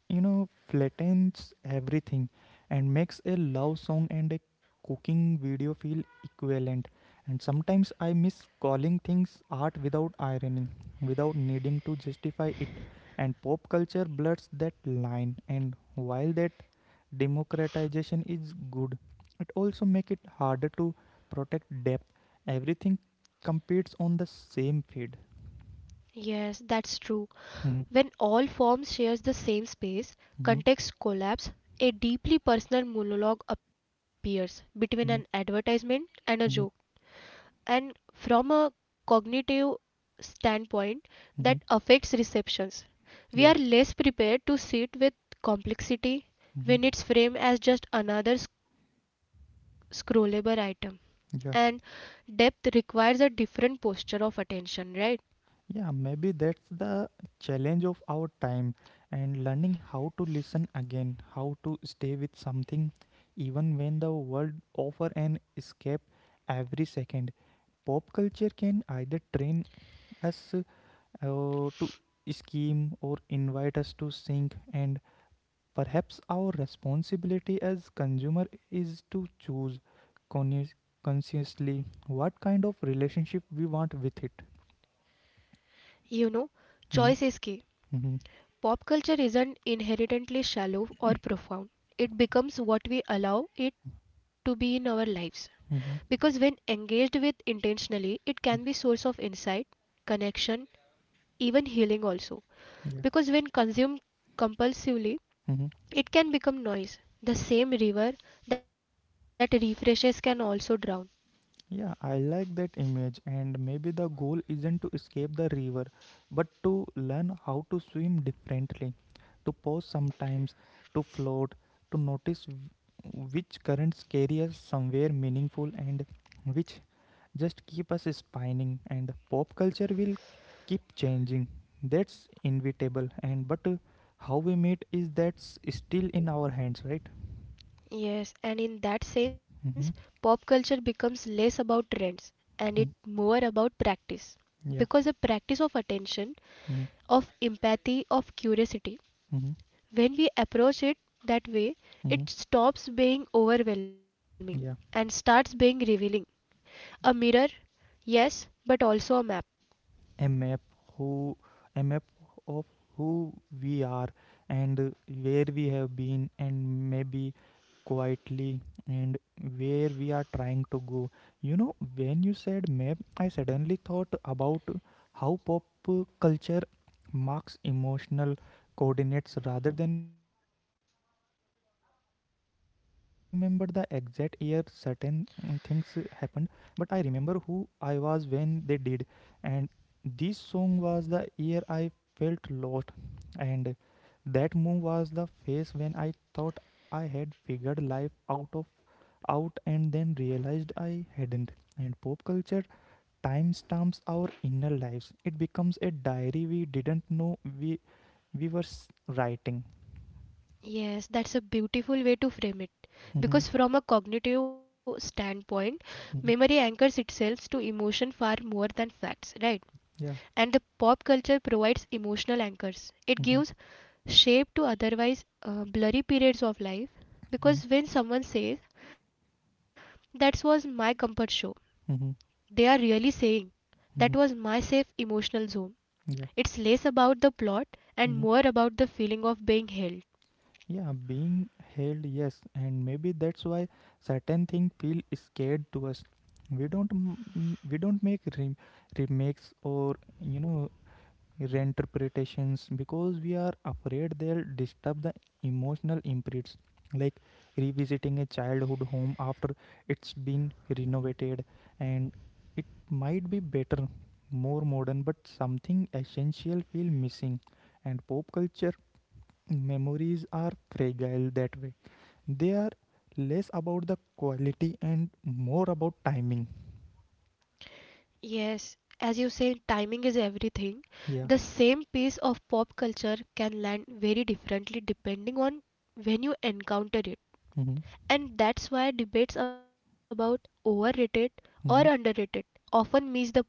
Speaker 1: you know, flattens everything and makes a love song and a cooking video feel equivalent. And sometimes I miss calling things art without irony, without needing to justify it. And pop culture blurs that line. And while that democratization is good, it also makes it harder to protect depth. Everything competes on the same feed.
Speaker 2: Yes, that's true.
Speaker 1: Mhm.
Speaker 2: When all forms share the same space,
Speaker 1: Mhm.
Speaker 2: context collapse, a deeply personal monologue appears between an
Speaker 1: Mhm.
Speaker 2: advertisement and a joke.
Speaker 1: Mhm.
Speaker 2: And from a cognitive standpoint that
Speaker 1: Mhm.
Speaker 2: affects receptions, we
Speaker 1: Yeah.
Speaker 2: are less prepared to sit with complexity
Speaker 1: Mhm.
Speaker 2: when it's framed as just another sc- scrollable item. And
Speaker 1: Yeah.
Speaker 2: depth requires a different posture of attention, right?
Speaker 1: Yeah, maybe that's the challenge of our time, and learning how to listen again, how to stay with something even when the world offer an escape every second. Pop culture can either train us uh, to scheme or invite us to sink, and perhaps our responsibility as consumer is to choose conscious- consciously what kind of relationship we want with it.
Speaker 2: You know, choice is key.
Speaker 1: Hmm. Hmm.
Speaker 2: Pop culture isn't inherently shallow or profound. It becomes what we allow it to be in our lives. Because when
Speaker 1: Hmm.
Speaker 2: engaged with intentionally, it can be source of insight, connection, even healing also.
Speaker 1: Yeah.
Speaker 2: Because when consumed compulsively,
Speaker 1: Mhm.
Speaker 2: it can become noise. The same river that refreshes can also drown.
Speaker 1: Yeah, I like that image, and maybe the goal isn't to escape the river, but to learn how to swim differently, to pause sometimes, to float, to notice which currents carry us somewhere meaningful and which just keep us spinning. And pop culture will keep changing. That's inevitable, and but uh, how we meet is, that's still in our hands, right?
Speaker 2: Yes, and in that
Speaker 1: Mm-hmm.
Speaker 2: sense, pop culture becomes less about trends and it more about practice,
Speaker 1: Yeah.
Speaker 2: because a practice of attention,
Speaker 1: Mm-hmm.
Speaker 2: of empathy, of curiosity. When we approach it that
Speaker 1: Mm-hmm.
Speaker 2: way, it stops being overwhelming
Speaker 1: Yeah.
Speaker 2: and starts being revealing. A mirror, yes, but also a map.
Speaker 1: A map. Who A map of who we are, and where we have been, and maybe quietly, and where we are trying to go. You know when you said map, I suddenly thought about how pop culture marks emotional coordinates rather than physical ones. Like I don't remember the exact year certain mm, things happened, but I remember who I was when they did. And this song was the year I felt lost, and that move was the phase when I thought I had figured life out of out, and then realized I hadn't. And pop culture timestamps our inner lives. It becomes a diary we didn't know we we were s- writing.
Speaker 2: Yes, that's a beautiful way to frame it. Because
Speaker 1: Mm-hmm.
Speaker 2: from a cognitive standpoint, memory
Speaker 1: Mm-hmm.
Speaker 2: anchors itself to emotion far more than facts, right?
Speaker 1: Yeah.
Speaker 2: And the pop culture provides emotional anchors. It
Speaker 1: Mm-hmm.
Speaker 2: gives shape to otherwise uh, blurry periods of life,
Speaker 1: Mm-hmm. Mm-hmm.
Speaker 2: because when someone says, "That was my comfort show," they
Speaker 1: Mm-hmm.
Speaker 2: are really saying, "That was my
Speaker 1: Mm-hmm.
Speaker 2: safe emotional zone." It's
Speaker 1: Yeah.
Speaker 2: less about the plot and more
Speaker 1: Mm-hmm.
Speaker 2: about the feeling of being held.
Speaker 1: Yeah, being held, yes, and maybe that's why certain things feel scared to us. We don't m- m- we don't make re- remakes or you know reinterpretations because we are afraid they'll disturb the emotional imprints. Like revisiting a childhood home after it's been renovated, and it might be better, more modern, but something essential feel missing. And pop culture memories are fragile that way. They are less about the quality and more about timing.
Speaker 2: Yes, as you say, timing is everything. The
Speaker 1: Yeah.
Speaker 2: same piece of pop culture can land very differently depending on when you encounter it.
Speaker 1: Mm-hmm.
Speaker 2: And that's why debates about overrated or
Speaker 1: Mm-hmm.
Speaker 2: underrated often miss the point.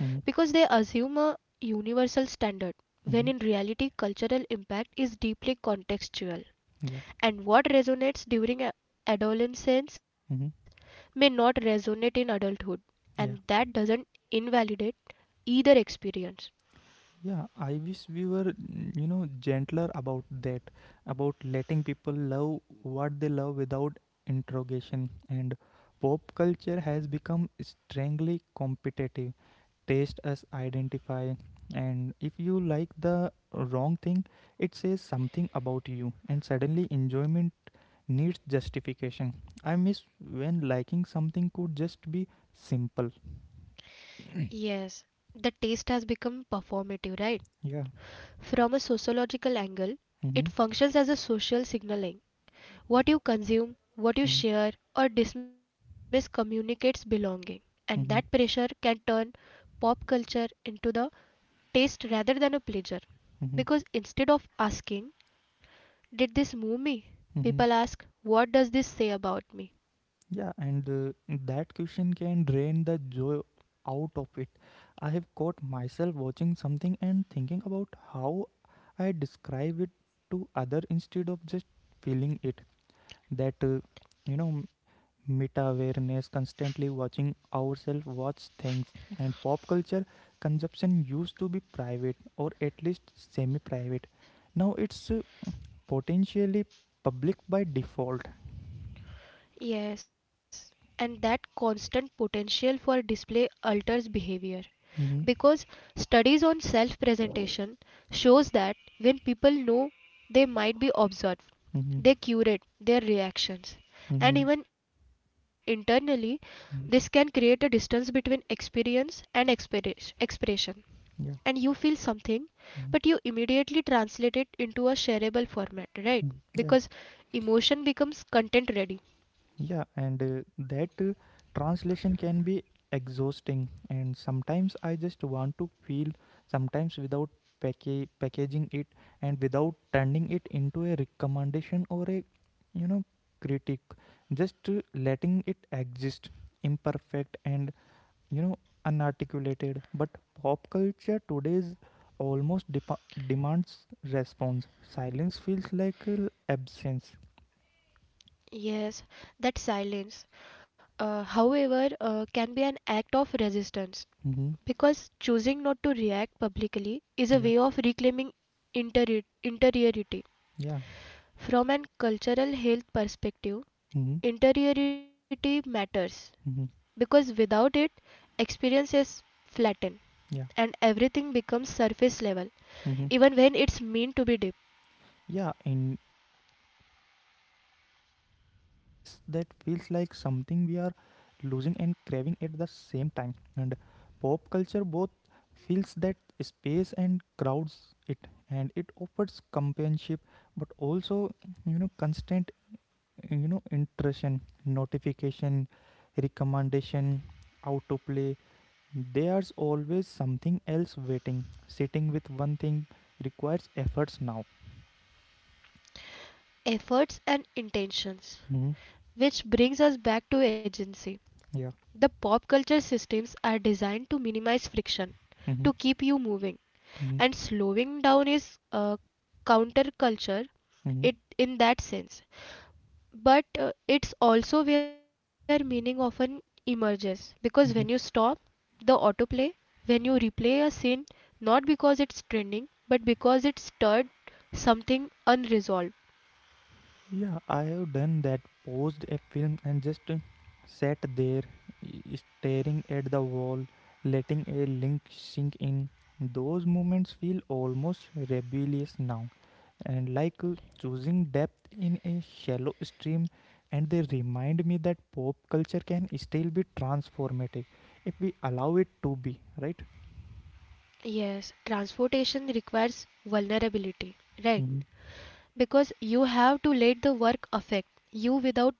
Speaker 1: Mm-hmm.
Speaker 2: they assume a universal standard, when
Speaker 1: Mm-hmm.
Speaker 2: in reality, cultural impact is deeply contextual,
Speaker 1: Yeah.
Speaker 2: and what resonates during adolescence
Speaker 1: Mm-hmm.
Speaker 2: may not resonate in adulthood, and
Speaker 1: Yeah.
Speaker 2: that doesn't invalidate either experience.
Speaker 1: Yeah. I wish we were, mm, you know, gentler about that, about letting people love what they love without interrogation. And pop culture has become strangely competitive. Taste as identify, and if you like the wrong thing, it says something about you, and suddenly enjoyment needs justification. I miss when liking something could just be simple.
Speaker 2: Yes, the taste has become performative, right?
Speaker 1: Yeah.
Speaker 2: From a sociological angle, it
Speaker 1: Mm-hmm.
Speaker 2: functions as a social signaling. What you consume, what you
Speaker 1: Mm-hmm.
Speaker 2: share or dismiss communicates belonging, and that pressure
Speaker 1: Mm-hmm.
Speaker 2: can turn pop culture into the taste rather than a pleasure. Because
Speaker 1: Mm-hmm.
Speaker 2: instead of asking, "Did this move me?"
Speaker 1: Mm-hmm.
Speaker 2: people ask, "What does this say about me?"
Speaker 1: yeah and uh, that question can drain the joy out of it. I have caught myself watching something and thinking about how I describe it to other instead of just feeling it. That uh, you know meta awareness, constantly watching ourselves watch things. And pop culture consumption used to be private, or at least semi private. Now it's uh, potentially public by default.
Speaker 2: Yes, and that constant potential for display alters behavior.
Speaker 1: Mm-hmm.
Speaker 2: Because studies on self presentation shows that when people know they might be observed,
Speaker 1: Mm-hmm.
Speaker 2: they curate their reactions,
Speaker 1: Mm-hmm.
Speaker 2: and even internally this can
Speaker 1: Mm-hmm.
Speaker 2: create a distance between experience and expression, and
Speaker 1: Yeah.
Speaker 2: you feel something, but
Speaker 1: Mhm.
Speaker 2: you immediately translate it into a shareable format, right?
Speaker 1: Mhm.
Speaker 2: Because emotion becomes content ready.
Speaker 1: Yeah, and uh, that uh, translation can be exhausting. And sometimes I just want to feel, sometimes without packa- packaging it, and without turning it into a recommendation or a, you know, critic. Just uh, letting it exist, imperfect and, you know, unarticulated. But pop culture today's almost depa demands response. Silence feels like uh, absence.
Speaker 2: Yes, that silence, uh, however uh, can be an act of resistance.
Speaker 1: Hmm.
Speaker 2: Because choosing not to react publicly is a
Speaker 1: Yeah.
Speaker 2: way of reclaiming interi- interiority.
Speaker 1: Yeah.
Speaker 2: From an cultural health perspective,
Speaker 1: Mhm.
Speaker 2: interiority matters
Speaker 1: Hmm.
Speaker 2: because without it, experiences flatten and
Speaker 1: Yeah.
Speaker 2: everything becomes surface level,
Speaker 1: Hmm.
Speaker 2: even when it's meant to be deep.
Speaker 1: Yeah. In interior space that feels like something we are losing and craving at the same time. And pop culture both fills that space and crowds it, and it offers companionship, but also you know constant you know intrusion, notification, recommendation, autoplay. There's always something else waiting. Sitting with one thing requires efforts now.
Speaker 2: Efforts and intentions.
Speaker 1: hmm
Speaker 2: Which brings us back to agency. The
Speaker 1: Yeah.
Speaker 2: pop culture systems are designed to minimize friction, to keep
Speaker 1: hmm
Speaker 2: you moving, and
Speaker 1: hmm
Speaker 2: slowing down is uh, counterculture
Speaker 1: hmm
Speaker 2: it in that sense, but uh, it's also where meaning often emerges, because when you stop the autoplay, when you replay a scene not because it's trending but because it stirred something unresolved.
Speaker 1: Yeah, I have done that. Paused a film and just uh, sat there, i- staring at the wall, letting a link sink in. Those moments feel almost rebellious now, and like uh, choosing depth in a shallow stream. And they remind me that pop culture can still be transformative if we allow it to be, right?
Speaker 2: Yes, transportation requires vulnerability, right?
Speaker 1: Mm-hmm.
Speaker 2: Because you have to let the work affect you without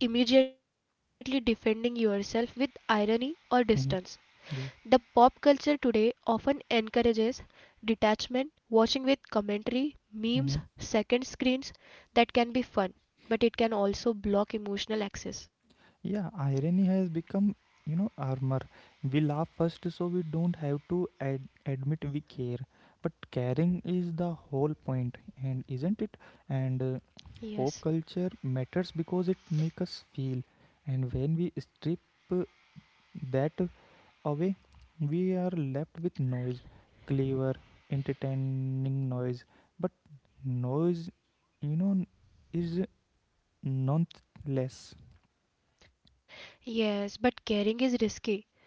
Speaker 2: immediately defending yourself with irony or distance. The
Speaker 1: Yeah.
Speaker 2: pop culture today often encourages detachment, watching with commentary, memes,
Speaker 1: Mm-hmm.
Speaker 2: second screens. That can be fun, but it can also block emotional access.
Speaker 1: Yeah, irony has become, you know, armor. We laugh first so we don't have to ad- admit we care. But caring is the whole point, and isn't it? And uh,
Speaker 2: Yes,
Speaker 1: Pop culture matters because it makes us feel. And when we strip uh, that away, we are left with noise, clever, entertaining noise. But noise, you know, is nonetheless.
Speaker 2: yes, but caring is risky.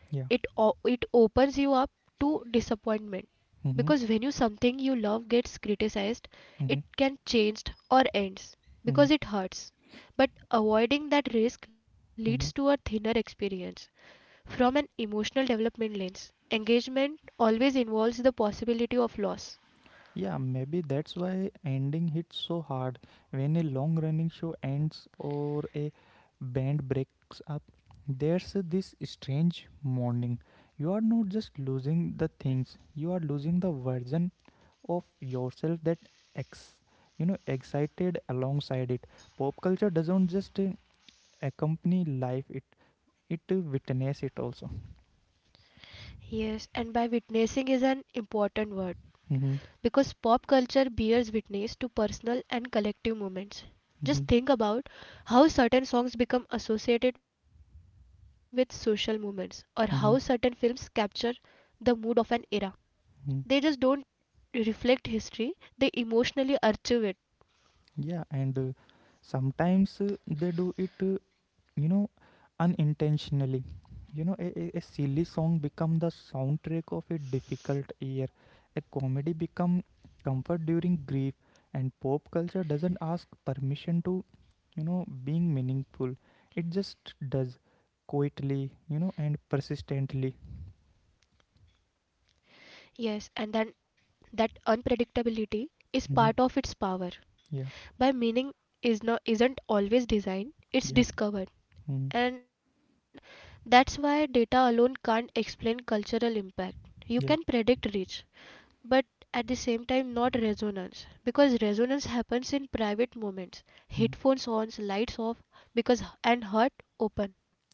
Speaker 2: It
Speaker 1: Yeah.
Speaker 2: o- it opens you up to disappointment,
Speaker 1: Mm-hmm.
Speaker 2: because when you something you love gets criticized,
Speaker 1: Mm-hmm.
Speaker 2: it can change or ends
Speaker 1: Mm-hmm.
Speaker 2: because it hurts. But avoiding that risk leads to a
Speaker 1: Mhm.
Speaker 2: thinner experience. From an emotional development lens, engagement always involves the possibility of loss.
Speaker 1: Yeah, maybe that's why ending hits so hard. When a long running show ends or a band breaks up, there's this strange mourning. You are not just losing the things, you are losing the version of yourself that ex you know excited alongside it. Pop culture doesn't just uh, accompany life, it it uh, witness it also.
Speaker 2: Yes, and by witnessing is an important word, because
Speaker 1: hmm
Speaker 2: pop culture bears witness to personal and collective moments. Just
Speaker 1: hmm
Speaker 2: think about how certain songs become associated with social movements or how certain films capture the mood of an era. They just don't
Speaker 1: hmm
Speaker 2: reflect history, they emotionally archive it.
Speaker 1: Yeah, and uh, sometimes uh, they do it, uh, you know, unintentionally. You know, a, a a silly song become the soundtrack of a difficult year. A comedy become comfort during grief, and pop culture doesn't ask permission to, you know, being meaningful. It just does quietly, you know, and persistently.
Speaker 2: Yes, and then that unpredictability is part of its
Speaker 1: hmm
Speaker 2: power. By
Speaker 1: Yeah,
Speaker 2: meaning is not isn't always designed, it's
Speaker 1: yeah,
Speaker 2: discovered. And
Speaker 1: mm,
Speaker 2: that's why data alone can't explain cultural impact. You can predict
Speaker 1: yeah.
Speaker 2: reach, but at the same time not resonance, because resonance happens in private moments, headphones
Speaker 1: Mm-hmm.
Speaker 2: on, lights off, because and heart open.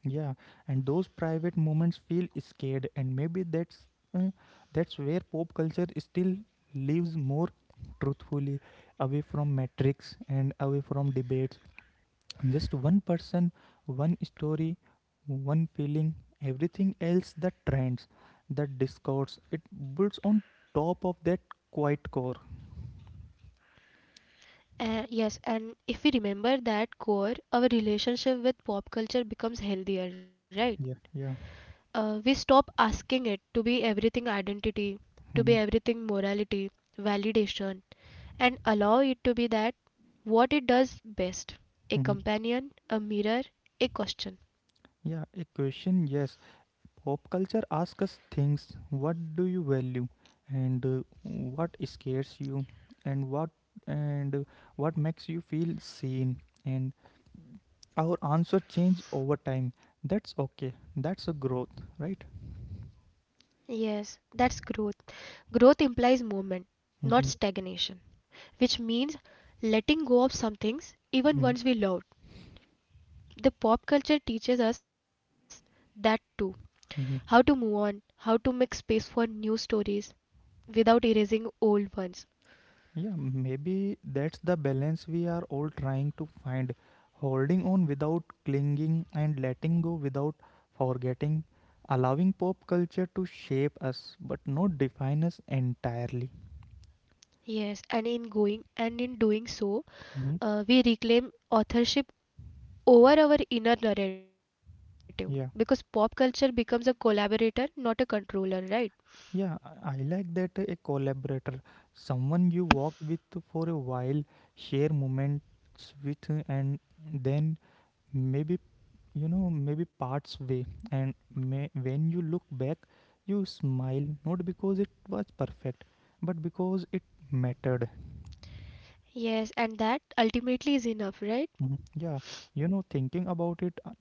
Speaker 1: Yeah, and those private moments feel scared, and maybe that's uh, that's where pop culture still lives more truthfully, away from metrics and away from debates. Just one person, one story, one feeling. Everything else, the trends, the discourse, it builds on top of that quiet core.
Speaker 2: Uh, yes, and if we remember that core, our relationship with pop culture becomes healthier, right?
Speaker 1: Yeah, yeah.
Speaker 2: Uh, we stop asking it to be everything identity, to be
Speaker 1: hmm
Speaker 2: everything morality, validation, and allow it to be that what it does best: a
Speaker 1: hmm
Speaker 2: companion, a mirror, a question.
Speaker 1: Yeah, a question, yes. Pop culture asks us things: what do you value and uh, what scares you and what and uh, what makes you feel seen, and our answer change over time. That's okay, that's a growth, right?
Speaker 2: Yes, that's growth. Growth implies movement,
Speaker 1: Mm-hmm.
Speaker 2: not stagnation, which means letting go of some things
Speaker 1: Mm-hmm.
Speaker 2: even once we loved. The pop culture teaches us that too,
Speaker 1: Mm-hmm.
Speaker 2: how to move on, how to make space for new stories without erasing old ones.
Speaker 1: Yeah, maybe that's the balance we are all trying to find, holding on without clinging and letting go without forgetting, allowing pop culture to shape us but not define us entirely.
Speaker 2: Yes, and in going and in doing so,
Speaker 1: Mhm.
Speaker 2: uh, we reclaim authorship over our inner narrative, because pop
Speaker 1: Yeah.
Speaker 2: culture becomes a collaborator, not a controller, right?
Speaker 1: Yeah, I I like that, a collaborator, someone you walk with for a while, share moments with, uh, and then maybe, you know, maybe parts way. And may, when you look back, you smile, not because it was perfect, but because it mattered.
Speaker 2: Yes, and that ultimately is enough, right?
Speaker 1: Mhm. Yeah, you know, thinking about it, uh,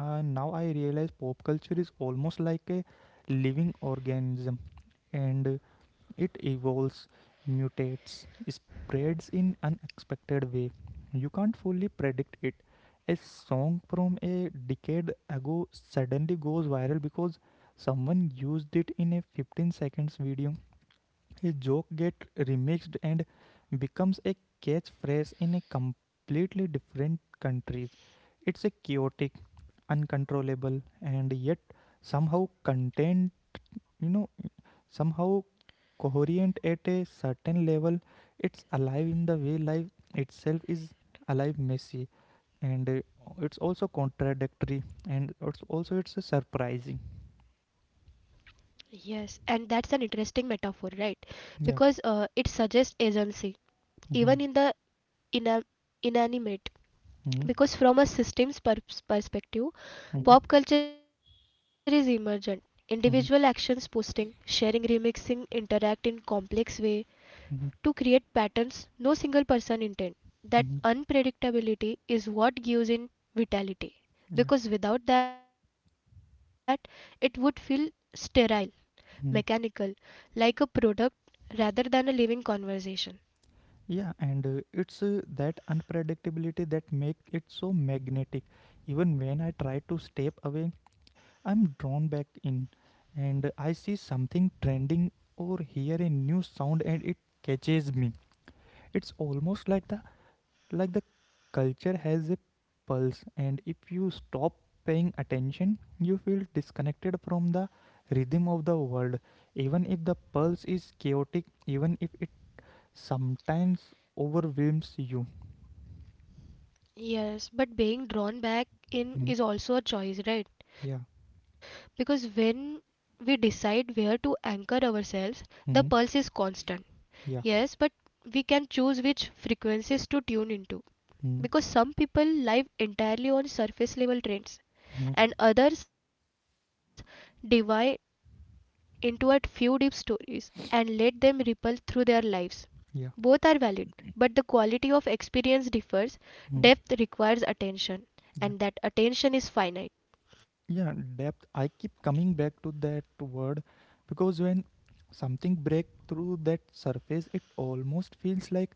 Speaker 1: uh, now I realize pop culture is almost like a living organism and uh, it evolves, mutates, spreads in unexpected way. You can't fully predict it. A song from a decade ago suddenly goes viral because someone used it in a fifteen seconds video. A joke gets remixed and becomes a catchphrase in a completely different countries. It's a chaotic, uncontrollable, and yet somehow contained, you know, somehow coherent at a certain level. It's alive in the way life itself is alive, messy, and uh, it's also contradictory, and it's also it's a surprising.
Speaker 2: Yes, and that's an interesting metaphor, right? Because uh,
Speaker 1: Yeah.
Speaker 2: it suggests agency, even in the
Speaker 1: Mm-hmm.
Speaker 2: ina inanimate.
Speaker 1: Mm-hmm.
Speaker 2: Because from a systems perspective,
Speaker 1: Mhm,
Speaker 2: pop culture is emergent. Individual actions
Speaker 1: mhm,
Speaker 2: posting, sharing, remixing interact in complex way to create
Speaker 1: mhm,
Speaker 2: patterns no single person intend. That
Speaker 1: mhm.
Speaker 2: unpredictability is what gives in vitality,
Speaker 1: Yeah.
Speaker 2: because without that it would feel sterile, mechanical, like
Speaker 1: Mhm.
Speaker 2: a product rather than a living conversation.
Speaker 1: Yeah, and uh, it's uh, that unpredictability that make it so magnetic. Even when I try to step away, I'm drawn back in, and I see something trending or hear a new sound and it catches me. It's almost like the like the culture has a pulse, and if you stop paying attention you feel disconnected from the rhythm of the world, even if the pulse is chaotic, even if it sometimes overwhelms you.
Speaker 2: Yes, but being drawn back in is
Speaker 1: Hmm.
Speaker 2: also a choice, right?
Speaker 1: Yeah.
Speaker 2: Because when we decide where to anchor ourselves, the pulse is
Speaker 1: hmm
Speaker 2: constant. Yes, but
Speaker 1: Yeah.
Speaker 2: we can choose which frequencies to tune into. Because
Speaker 1: hmm
Speaker 2: some people live entirely on surface level trends,
Speaker 1: hmm
Speaker 2: and others divide into a few deep stories and let them ripple through their lives. Both are
Speaker 1: Yeah.
Speaker 2: valid, but the quality of experience differs. Depth
Speaker 1: hmm
Speaker 2: requires attention, and that
Speaker 1: Yeah.
Speaker 2: attention is finite.
Speaker 1: Yeah, depth. I keep coming back to that word because when something breaks through that surface, it almost feels like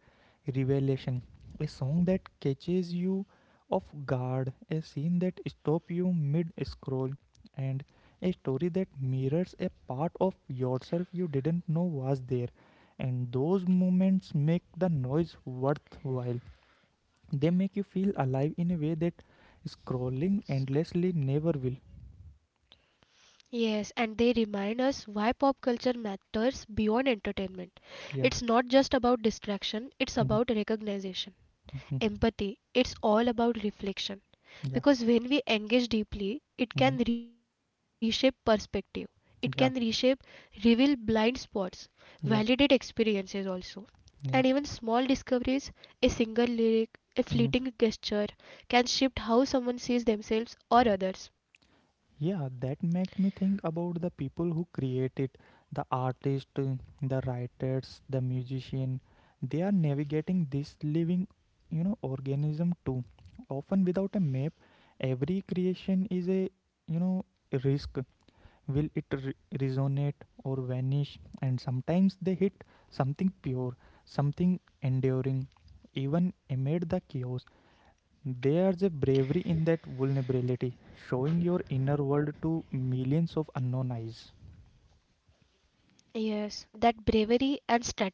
Speaker 1: revelation. A song that catches you off guard, a scene that stops you mid scroll, and a story that mirrors a part of yourself you didn't know was there. And those moments make the noise worthwhile. They make you feel alive in a way that scrolling endlessly never will.
Speaker 2: Yes, and they remind us why pop culture matters beyond entertainment. It's not
Speaker 1: Yeah.
Speaker 2: just about distraction, it's about
Speaker 1: Mhm,
Speaker 2: recognition,
Speaker 1: mhm.
Speaker 2: empathy, it's all about reflection.
Speaker 1: Yeah.
Speaker 2: Because when we engage deeply, it
Speaker 1: Mhm.
Speaker 2: can reshape perspective, it can reshape,
Speaker 1: Yeah.
Speaker 2: reveal blind spots, validate
Speaker 1: Yeah.
Speaker 2: experiences also. And even
Speaker 1: Yeah.
Speaker 2: small discoveries, a single lyric, a fleeting
Speaker 1: Mhm.
Speaker 2: gesture, can shift how someone sees themselves or others.
Speaker 1: Yeah, that make me think about the people who create it, the artist, uh, the writers, the musician. They are navigating this living, you know, organism too. Often without a map, every creation is a, you know, risk. Will it re- resonate or vanish? And sometimes they hit something pure, something enduring, even amid the chaos. There's a bravery in that vulnerability, showing your inner world to millions of unknown eyes.
Speaker 2: Yes, that bravery and strategy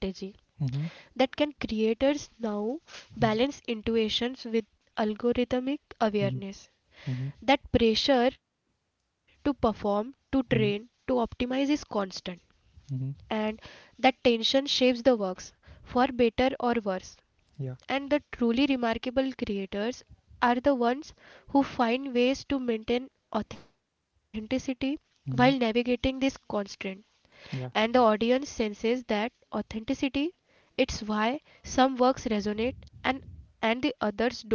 Speaker 1: Mm-hmm.
Speaker 2: that can creators now balance intuitions with algorithmic
Speaker 1: Mm-hmm.
Speaker 2: awareness.
Speaker 1: Mm-hmm.
Speaker 2: That pressure to perform, to train, to
Speaker 1: Mm-hmm.
Speaker 2: optimize is constant, and
Speaker 1: Mm-hmm.
Speaker 2: that tension shapes the works for better or worse.
Speaker 1: Yeah.
Speaker 2: And the truly remarkable creators are the ones who find ways to maintain authenticity while navigating
Speaker 1: Mm-hmm.
Speaker 2: this constraint, and the
Speaker 1: Yeah.
Speaker 2: audience senses that authenticity. It's why some works resonate and and the others don't.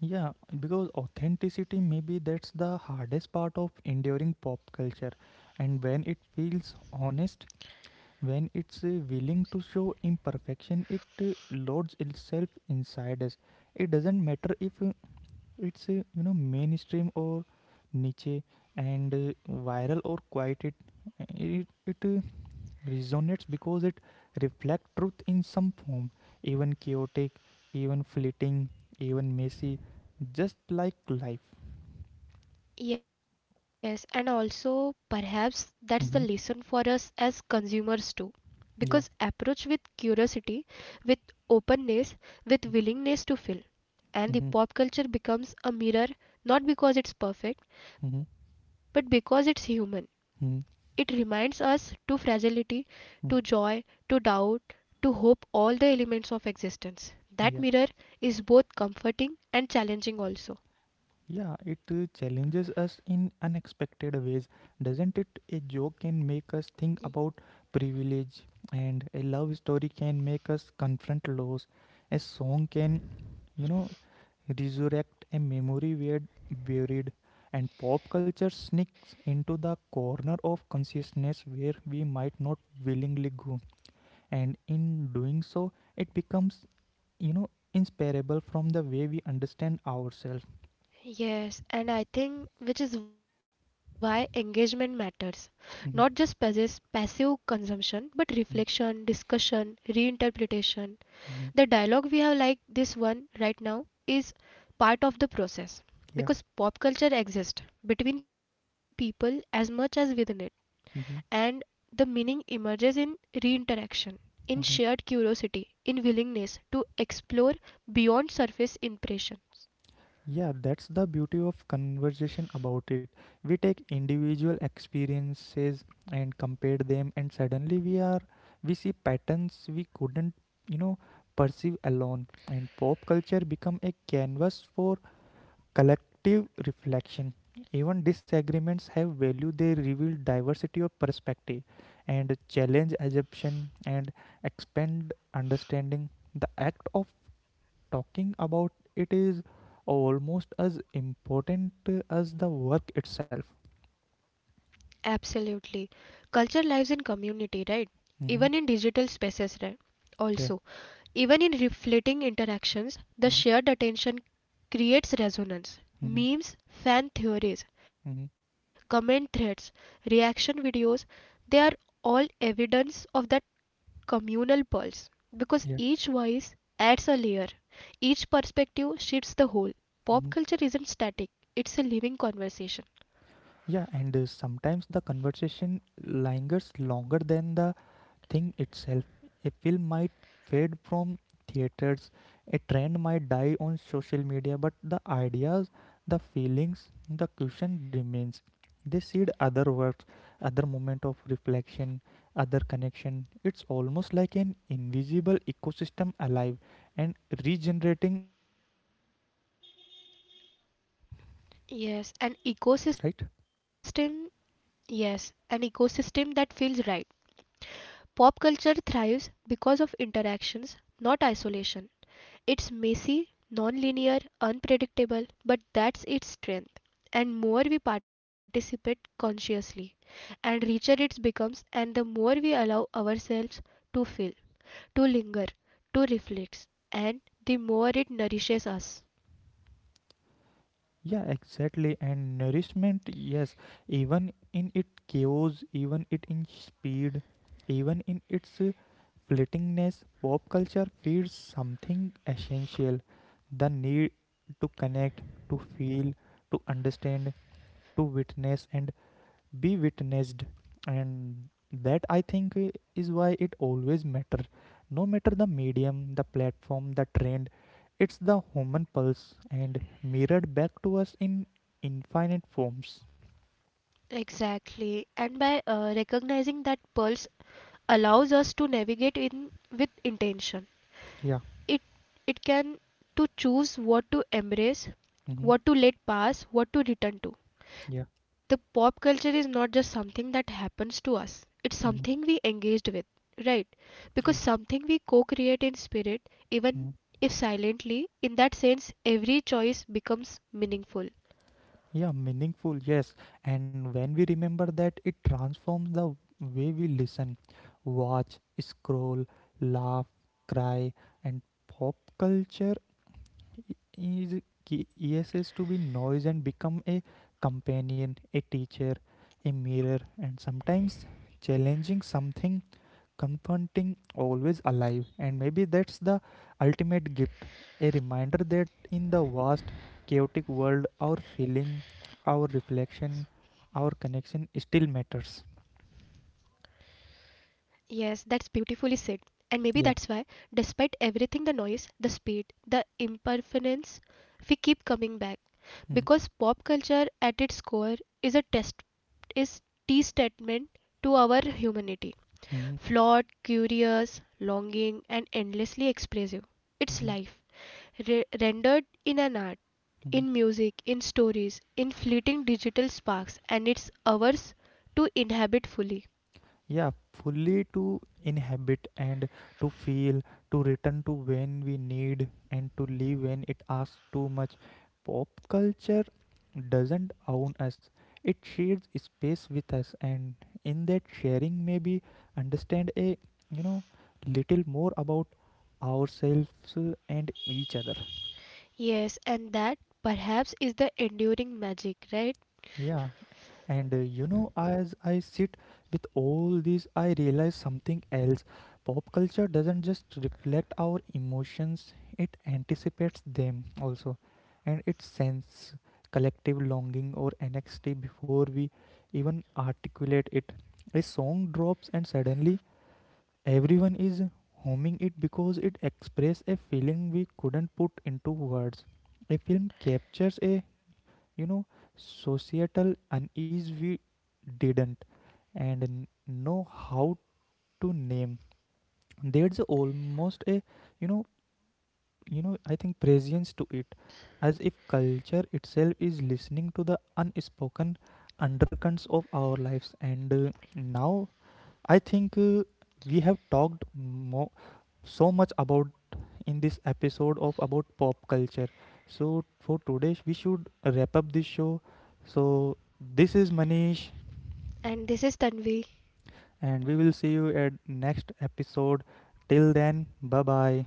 Speaker 1: Yeah. Because authenticity, maybe that's the hardest part of enduring pop culture. And when it feels honest, when it's uh, willing to show imperfection, it uh, loads itself inside us. It doesn't matter if uh, it's uh, you know mainstream or niche and uh, viral or quiet, it it, it uh, resonates because it reflects truth in some form, even chaotic, even fleeting, even messy, just like life.
Speaker 2: Yes, and also perhaps that's the lesson for
Speaker 1: Mm-hmm.
Speaker 2: us as consumers too. Because
Speaker 1: Yeah.
Speaker 2: approach with curiosity, with openness, with willingness to feel. And the
Speaker 1: Mm-hmm.
Speaker 2: pop culture becomes a mirror not because it's perfect, but
Speaker 1: Mm-hmm.
Speaker 2: because it's human. It
Speaker 1: Mm-hmm.
Speaker 2: reminds us to fragility, to joy,
Speaker 1: Mm-hmm.
Speaker 2: to doubt, to hope, all the elements of existence. That mirror
Speaker 1: Yeah.
Speaker 2: is both comforting and challenging also.
Speaker 1: Yeah, it uh, challenges us in unexpected ways, doesn't it? A joke can make us think about privilege, and a love story can make us confront loss. A song can, you know, resurrect a memory we had buried, and pop culture sneaks into the corner of consciousness where we might not willingly go, and in doing so, it becomes, you know, inseparable from the way we understand ourselves.
Speaker 2: Yes, and I think which is why engagement matters. Not just possess
Speaker 1: Mhm.
Speaker 2: passive consumption, but reflection, discussion, reinterpretation. The
Speaker 1: Mhm.
Speaker 2: dialogue we have like this one right now is part of the process, because
Speaker 1: Yeah.
Speaker 2: pop culture exists between people as much as within it. And
Speaker 1: hmm
Speaker 2: the meaning emerges in reinteraction, in shared
Speaker 1: hmm
Speaker 2: curiosity, in willingness to explore beyond surface impression.
Speaker 1: Yeah, that's the beauty of conversation about it. We take individual experiences and compare them, and suddenly we are we see patterns we couldn't, you know, perceive alone. And pop culture become a canvas for collective reflection. Even disagreements have value. They reveal diversity of perspective, and challenge assumption and expand understanding. The act of talking about it is almost as important uh, as the work itself.
Speaker 2: Absolutely. Culture lives in community, right? Even in
Speaker 1: Mm-hmm.
Speaker 2: digital spaces, right? Also,
Speaker 1: Yeah.
Speaker 2: even in reflecting interactions, the shared
Speaker 1: Mm-hmm.
Speaker 2: attention creates resonance.
Speaker 1: Mm-hmm.
Speaker 2: Memes, fan theories,
Speaker 1: Mm-hmm.
Speaker 2: comment threads, reaction videos, they are all evidence of that communal pulse, because each
Speaker 1: Yeah.
Speaker 2: voice adds a layer, each perspective shifts the whole. Pop
Speaker 1: Mm-hmm.
Speaker 2: culture isn't static, it's a living conversation.
Speaker 1: Yeah. And uh, sometimes the conversation lingers longer than the thing itself. A film might fade from theaters, a trend might die on social media, but the ideas, the feelings, the cushion remains. They seed other works, other moment of reflection, other connection. It's almost like an invisible ecosystem alive and regenerating and also adapting, right?
Speaker 2: Yes, an ecosystem, yes, an ecosystem that feels right. Pop culture thrives because of interactions, not isolation. It's messy, non-linear, unpredictable, but that's its strength. And more we participate consciously, and richer it becomes, and the more we allow ourselves to feel, to linger, to reflect, and the more it nourishes us.
Speaker 1: Yeah, exactly. And nourishment, yes, even in its chaos, even it in speed, even in its uh, fleetingness, pop culture feeds something essential: the need to connect, to feel, to understand, to witness, and be witnessed. And that I think uh, is why it always matter, no matter the medium, the platform, the trend, it's the human pulse and mirrored back to us in infinite forms.
Speaker 2: Exactly. And by uh, recognizing that pulse allows us to navigate in with intention.
Speaker 1: Yeah.
Speaker 2: It it can to choose what to embrace,
Speaker 1: Mm-hmm.
Speaker 2: what to let pass, what to return to.
Speaker 1: Yeah.
Speaker 2: The pop culture is not just something that happens to us, it's something
Speaker 1: Mm-hmm.
Speaker 2: we engaged with, right? Because
Speaker 1: Yeah.
Speaker 2: something we co-create in spirit, even
Speaker 1: Mm-hmm.
Speaker 2: if silently. In that sense, every choice becomes meaningful.
Speaker 1: Yeah, meaningful, yes. And when we remember that, it transforms the way we listen, watch, scroll, laugh, cry, and pop culture is ki- yes is to be noise and become a companion, a teacher, a mirror, and sometimes challenging something, confronting, always alive. And maybe that's the ultimate gift, a reminder that in the vast chaotic world, our feeling, our reflection, our connection still matters.
Speaker 2: Yes, that's beautifully said, and maybe that's why, despite
Speaker 1: Yeah.
Speaker 2: everything, the noise, the speed, the impermanence, we keep coming back, because pop
Speaker 1: Mm-hmm.
Speaker 2: culture at its core is a test, is t statement to our humanity.
Speaker 1: Mm-hmm.
Speaker 2: Flawed, curious, longing, and endlessly expressive. It's
Speaker 1: Mm-hmm.
Speaker 2: life, re- rendered in an art,
Speaker 1: Mm-hmm.
Speaker 2: in music, in stories, in fleeting digital sparks, and it's ours to inhabit fully.
Speaker 1: Yeah, fully to inhabit and to feel, to return to when we need, and to leave when it asks too much. Pop culture doesn't own us, it shares space with us, and in that sharing, maybe understand a you know little more about ourselves uh, and each other.
Speaker 2: Yes, and that perhaps is the enduring magic, right?
Speaker 1: Yeah. And uh, you know, as I sit with all this, I realize something else. Pop culture doesn't just reflect our emotions, it anticipates them also. And it sends collective longing or anxiety before we even articulate it. A song drops, and suddenly everyone is homing it because it expresses a feeling we couldn't put into words. A film captures a you know societal unease we didn't and n- know how to name. There's almost a you know you know I think prescience to it, as if culture itself is listening to the unspoken undercurrents of our lives. And uh, now I think uh, we have talked mo- so much about in this episode of about pop culture. So for today we should wrap up this show. So this is Manish,
Speaker 2: And this is Tanvi.
Speaker 1: and we will see you at next episode. Till then, bye bye.